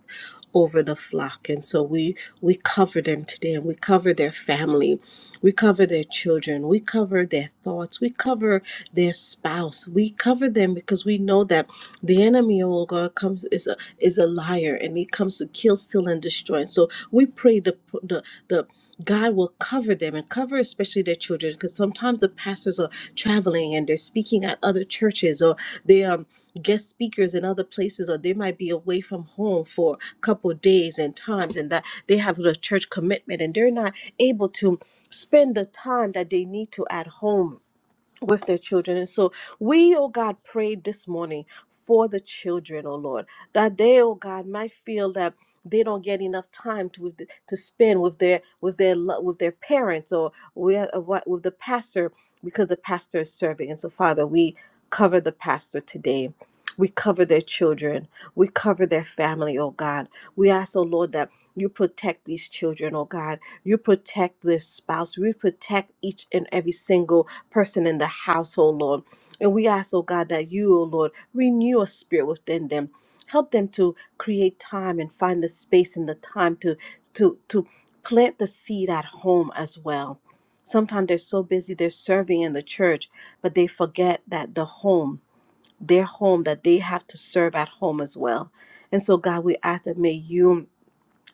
B: over the flock. And so we we cover them today and we cover their family. We cover their children. We cover their thoughts. We cover their spouse. We cover them because we know that the enemy, oh God, comes is a is a liar and he comes to kill, steal, and destroy. And so we pray the the the God will cover them and cover especially their children because sometimes the pastors are traveling and they're speaking at other churches or they are guest speakers in other places or they might be away from home for a couple of days and times and that they have a church commitment and they're not able to spend the time that they need to at home with their children. And so we, oh God, prayed this morning for the children, oh Lord, that they, oh God, might feel that they don't get enough time to with- to spend with their with their lo- with their parents or with uh, what- with the pastor because the pastor is serving. And so, Father, we cover the pastor today. We cover their children. We cover their family, oh God. We ask, oh Lord, that you protect these children, oh God. You protect this spouse. You protect each and every single person in the household, Lord. And we ask, oh God, that you, oh Lord, renew a spirit within them. Help them to create time and find the space and the time to to to plant the seed at home as well. Sometimes they're so busy they're serving in the church, but they forget that the home, their home, that they have to serve at home as well. And so, God, we ask that may you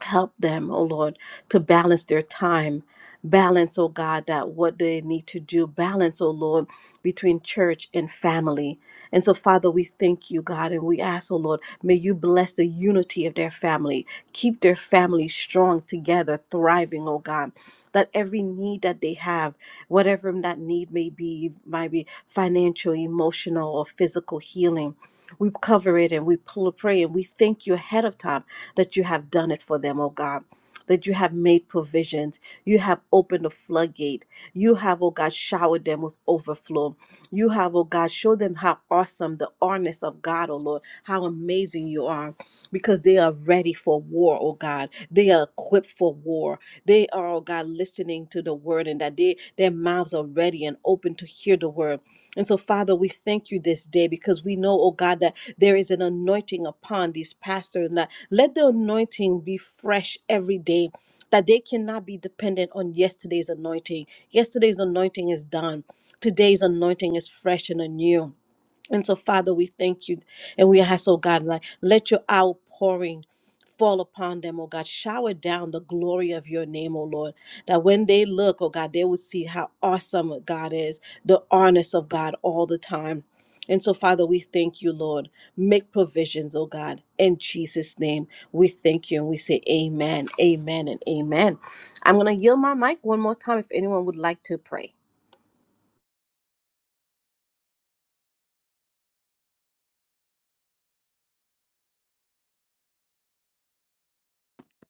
B: help them, oh Lord, to balance their time. Balance, oh God, that what they need to do. Balance, oh Lord, between church and family. And so, Father, we thank you, God, and we ask, oh Lord, may you bless the unity of their family. Keep their family strong together, thriving, oh God. That every need that they have, whatever that need may be, might be financial, emotional, or physical healing, we cover it and we pl- pray and we thank you ahead of time that you have done it for them, oh God. That you have made provisions. You have opened the floodgate. You have, oh God, showered them with overflow. You have, oh God, showed them how awesome the awness of God, oh Lord, how amazing you are because they are ready for war, oh God. They are equipped for war. They are, oh God, listening to the word and that they, their mouths are ready and open to hear the word. And so, Father, we thank you this day because we know, oh God, that there is an anointing upon these pastors, and that. Let the anointing be fresh every day, that they cannot be dependent on yesterday's anointing. Yesterday's anointing is done. Today's anointing is fresh and anew. And so, Father, we thank you and we ask, oh God, like let your outpouring fall upon them, oh God. Shower down the glory of your name, oh Lord. That when they look, oh God, they will see how awesome God is, the honest of God all the time. And so, Father, we thank you, Lord. Make provisions, oh God. In Jesus' name, we thank you and we say amen, amen, and amen. I'm going to yield my mic one more time if anyone would like to pray.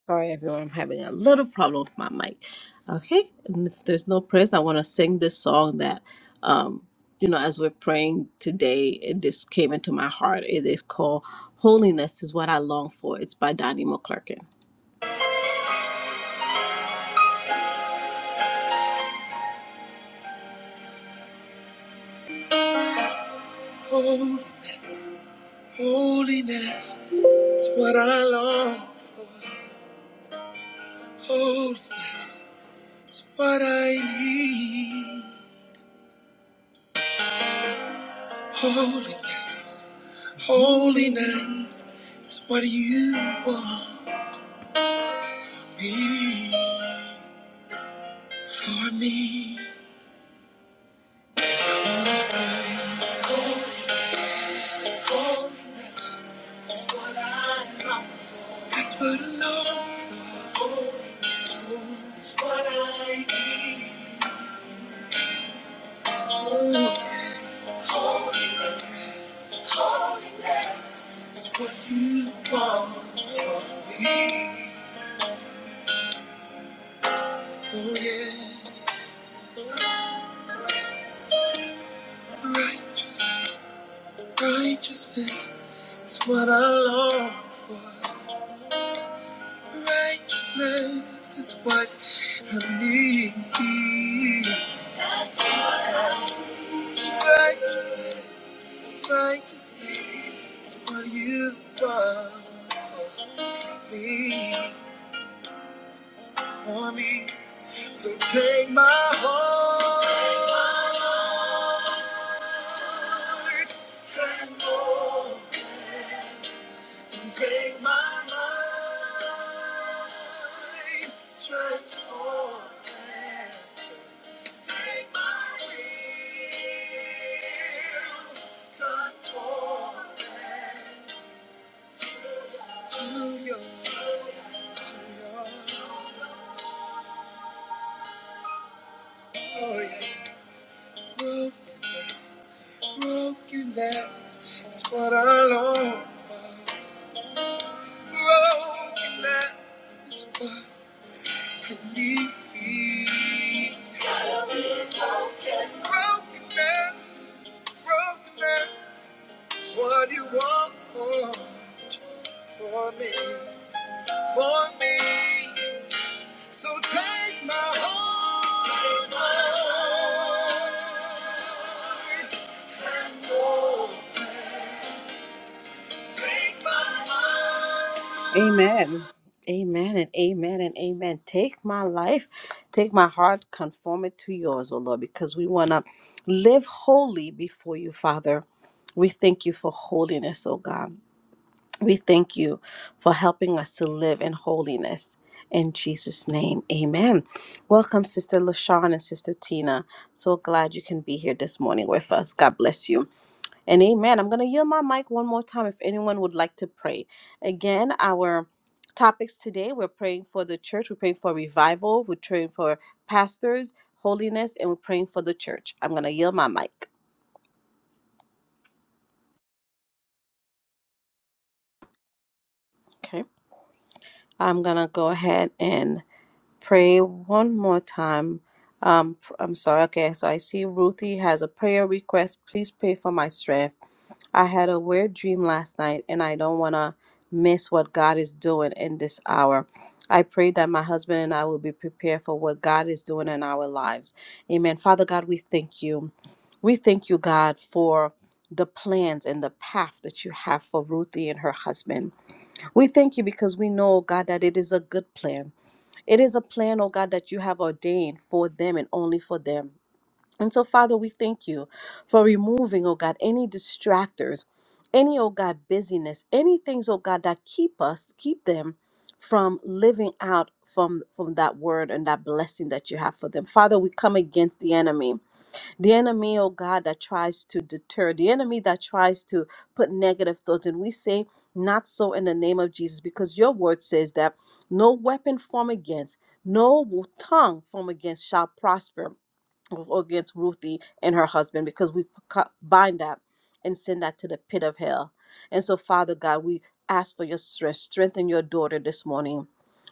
B: Sorry, everyone. I'm having a little problem with my mic. Okay, and if there's no prayers, I want to sing this song that, um, you know, as we're praying today, it just came into my heart. It is called "Holiness Is What I Long For." It's by Donnie McClurkin. Holiness, holiness is what I long for. Holiness is what I need. Holiness, holiness is what you want. Be for me. Holy, Holiness is what I long for. That's what I long for. Holiness is what I need. Oh Holiness, holiness is what you want from me. Oh yeah, righteousness. Righteousness is what I long for. Righteousness is what I need. Righteousness, righteousness is what you want for me, for me. So take my heart. and mold it. Take my mind, transform it. Take my will, conform it to your, to your to your glory. Brokenness, brokenness is what I long for. Brokenness is what I need me, Brokenness, brokenness is what you want for, for me, for me. So take my heart, take my heart. Amen. Amen and amen and amen. Take my life, take my heart, conform it to yours, O Lord, because we want to live holy before you, Father. We thank you for holiness, O God. We thank you for helping us to live in holiness. In Jesus' name, amen. Welcome, Sister LaShawn and Sister Tina. So glad you can be here this morning with us. God bless you. And amen. I'm going to yield my mic one more time if anyone would like to pray. Again, our topics today we're praying for the church, we're praying for revival, we're praying for pastors, holiness, and we're praying for the church. I'm going to yield my mic. Okay. I'm going to go ahead and pray one more time. Um, I'm sorry. Okay. So I see Ruthie has a prayer request. Please pray for my strength. I had a weird dream last night, and I don't want to miss what God is doing in this hour. I pray that my husband and I will be prepared for what God is doing in our lives. Amen. Father God, we thank you. We thank you, God, for the plans and the path that you have for Ruthie and her husband. We thank you because we know, God, that it is a good plan. It is a plan, oh God, that you have ordained for them and only for them. And so, Father, we thank you for removing, oh God, any distractors, any, oh God, busyness, any things, oh God, that keep us, keep them from living out from from that word and that blessing that you have for them. Father, we come against the enemy. The enemy, oh God, that tries to deter, the enemy that tries to put negative thoughts. And we say, not so in the name of Jesus, because your word says that no weapon formed against, no tongue formed against shall prosper against Ruthie and her husband because we co- bind that and send that to the pit of hell. And so, Father God, we ask for your strength. Strengthen your daughter this morning.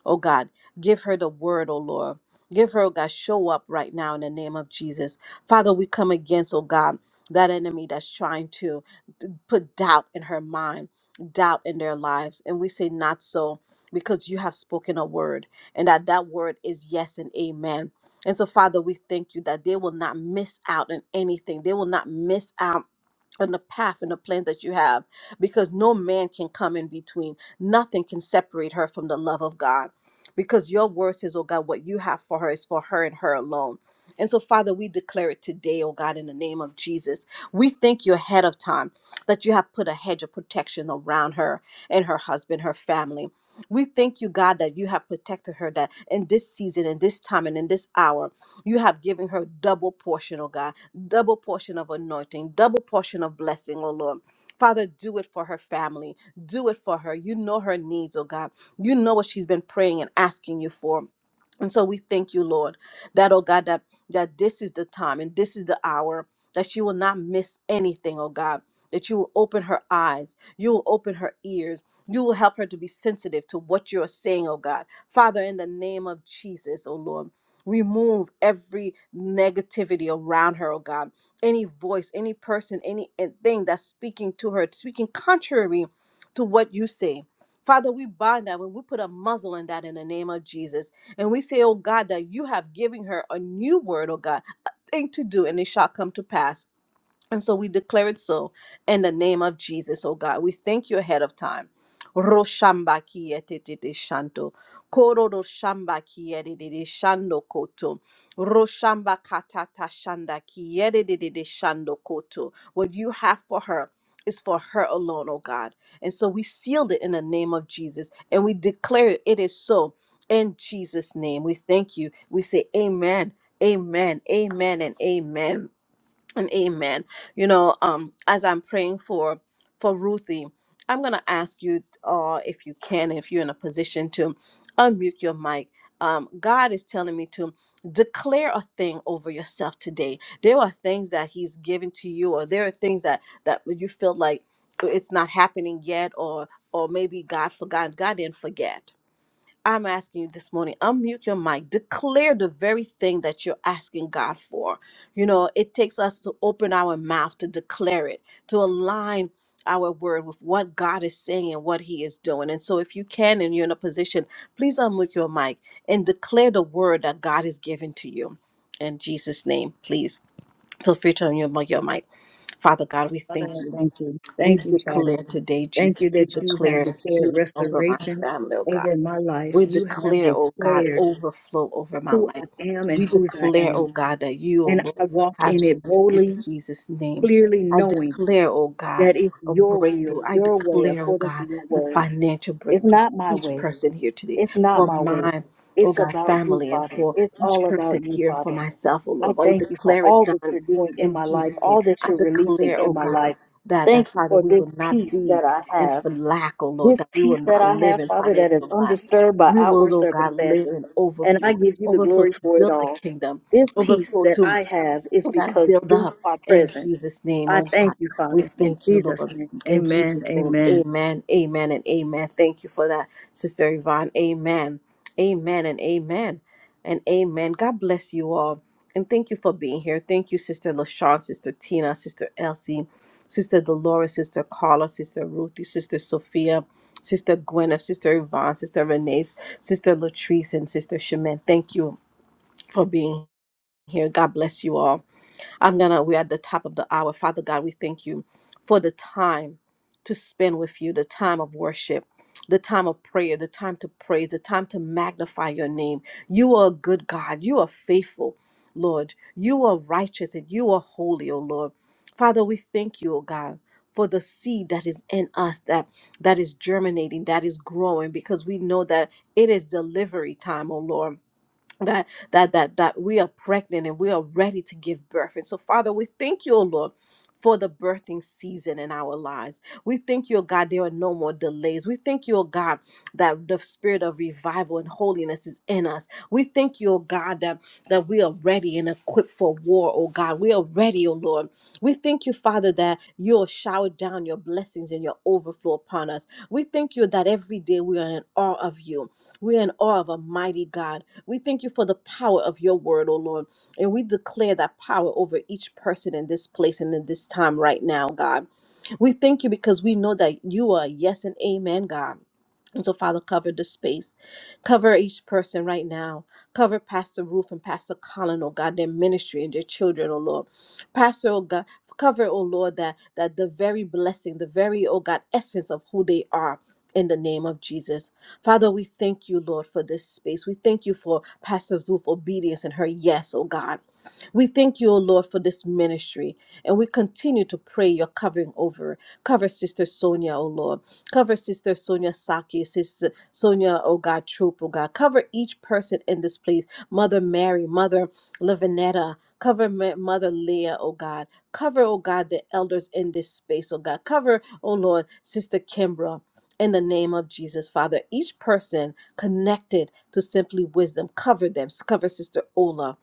B: Oh God, give her the word, oh Lord. Give her, oh God, show up right now in the name of Jesus. Father, we come against, oh God, that enemy that's trying to put doubt in her mind, doubt in their lives. And we say, not so, because you have spoken a word, and that that word is yes and amen and so, Father, we thank you that they will not miss out on anything. They will not miss out and the path and the plan that you have because no man can come in between. Nothing can separate her from the love of God because your word says, oh God, what you have for her is for her and her alone. And so, Father, we declare it today, oh God, in the name of Jesus. We thank you ahead of time that you have put a hedge of protection around her and her husband, her family. We thank you, God, that you have protected her, that in this season, in this time, and in this hour, you have given her double portion, oh God double portion of anointing, double portion of blessing, oh Lord. Father, do it for her family. Do it for her. You know her needs, oh God. You know what she's been praying and asking you for. And so we thank you, Lord, that, oh God, that, that this is the time and this is the hour that she will not miss anything, oh God, that you will open her eyes, you will open her ears, you will help her to be sensitive to what you're saying, oh God. Father, in the name of Jesus, oh Lord. Remove every negativity around her, oh God. Any voice, any person, any eh, thing that's speaking to her, speaking contrary to what you say. Father, we bind that when we put a muzzle in that in the name of Jesus. And we say, oh God, that you have given her a new word, oh God, a thing to do, and it shall come to pass. And so we declare it so in the name of Jesus, oh God. We thank you ahead of time. Roshambaki etetete shanto. Kororo shambaki ededede shando koto. Roshamba katata shandaki ededede shando koto. What you have for her is for her alone, oh God. And so we sealed it in the name of Jesus and we declare it, it is so. In Jesus' name, we thank you. We say amen, amen, amen, and amen and amen you know um as i'm praying for for ruthie i'm gonna ask you uh if you can if you're in a position to unmute your mic um god is telling me to declare a thing over yourself today there are things that he's given to you or there are things that that you feel like it's not happening yet or or maybe god forgot god didn't forget I'm asking you this morning, unmute your mic, declare the very thing that you're asking God for. You know, it takes us to open our mouth to declare it, to align our word with what God is saying and what He is doing. And so, if you can and you're in a position, please unmute your mic and declare the word that God has given to you. In Jesus' name, please feel free to unmute your mic. Father God, we thank you. We declare today, Jesus, we declare healing over my family, oh God. We declare, oh God, overflow over my life. We declare, oh God, that you, oh Lord, have done it in Jesus' name. I declare, oh God, a breakthrough. I declare, oh God, the financial breakthroughs for each person here today, for my, oh God, family, and for each person here, and for myself, oh Lord. I declare it done in Jesus' name. I declare, oh God, that, that
D: Thank you
B: Father,
D: for
B: we will
D: this
B: not
D: peace
B: be
D: that I
B: in
D: have.
B: for lack, oh Lord,
D: This
B: that we will
D: peace that
B: not
D: I
B: live
D: have,
B: in
D: Father, that is
B: financial lack
D: undisturbed by
B: we will,
D: outward
B: oh God, live in
D: circumstances. And
B: overflow,
D: I give you the
B: overflow
D: glory
B: to
D: for it
B: build the
D: all.
B: kingdom,
D: This peace
B: overflow
D: that
B: to
D: I have is
B: Oh God,
D: because
B: build
D: you
B: up
D: are
B: in
D: present.
B: Jesus' name. Oh God,
D: Thank you,
B: we
D: Father. And
B: thank you, Lord. In Jesus' name,
D: amen.
B: amen, amen, and amen. Thank you for that, Sister Yvonne. Amen, amen, and amen, and amen. God bless you all. And thank you for being here. Thank you, Sister LaShawn, Sister Tina, Sister Elsie, Sister Dolores, Sister Carla, Sister Ruthie, Sister Sophia. Sister Gwen, of Sister Yvonne, Sister Renee, Sister Latrice, and Sister Shemin. Thank you for being here. God bless you all. I'm gonna, we're at the top of the hour. Father God, we thank you for the time to spend with you, the time of worship, the time of prayer, the time to praise, the time to magnify your name. You are a good God. You are faithful, Lord. You are righteous and you are holy, O Lord. Father, we thank you, O God, for the seed that is in us that that is germinating, that is growing, because we know that it is delivery time, O Lord that that that that we are pregnant and we are ready to give birth and so father we thank you O lord for the birthing season in our lives. We thank you, O God, there are no more delays. We thank you, O God, that the spirit of revival and holiness is in us. We thank you, O God, that, that we are ready and equipped for war, O God. We are ready, O Lord. We thank you, Father, that you'll shower down your blessings and your overflow upon us. We thank you that every day we are in awe of you. We are in awe of a mighty God. We thank you for the power of your word, O Lord. And we declare that power over each person in this place and in this time right now, God. We thank you because we know that you are yes and amen, God. And so, Father, cover the space. Cover each person right now. Cover Pastor Ruth and Pastor Colin, oh God, their ministry and their children, oh Lord. Pastor, oh God, cover, oh Lord, that, that the very blessing, the very, oh God, essence of who they are in the name of Jesus. Father, we thank you, Lord, for this space. We thank you for Pastor Ruth's obedience and her yes, oh God. We thank you, O Lord, for this ministry, and we continue to pray your covering over. Cover Sister Sonia, O Lord. Cover Sister Sonia Saki, Sister Sonia, O God, Troop, O God. Cover each person in this place. Mother Mary, Mother Lavinetta. Cover Ma- Mother Leah, O God. Cover, O God, the elders in this space, O God. Cover, O Lord, Sister Kimbra in the name of Jesus, Father. Each person connected to Simply Wisdom, cover them. Cover Sister Ola.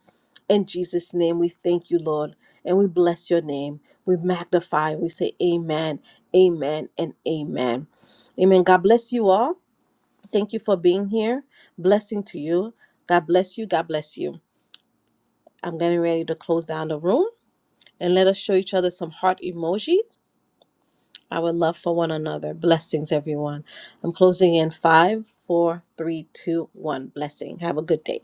B: In Jesus' name, we thank you, Lord, and we bless your name. We magnify. We say amen, amen, and amen. Amen. God bless you all. Thank you for being here. Blessing to you. God bless you. God bless you. I'm getting ready to close down the room and let us show each other some heart emojis. our love for one another. Blessings, everyone. I'm closing in five, four, three, two, one. Blessing. Have a good day.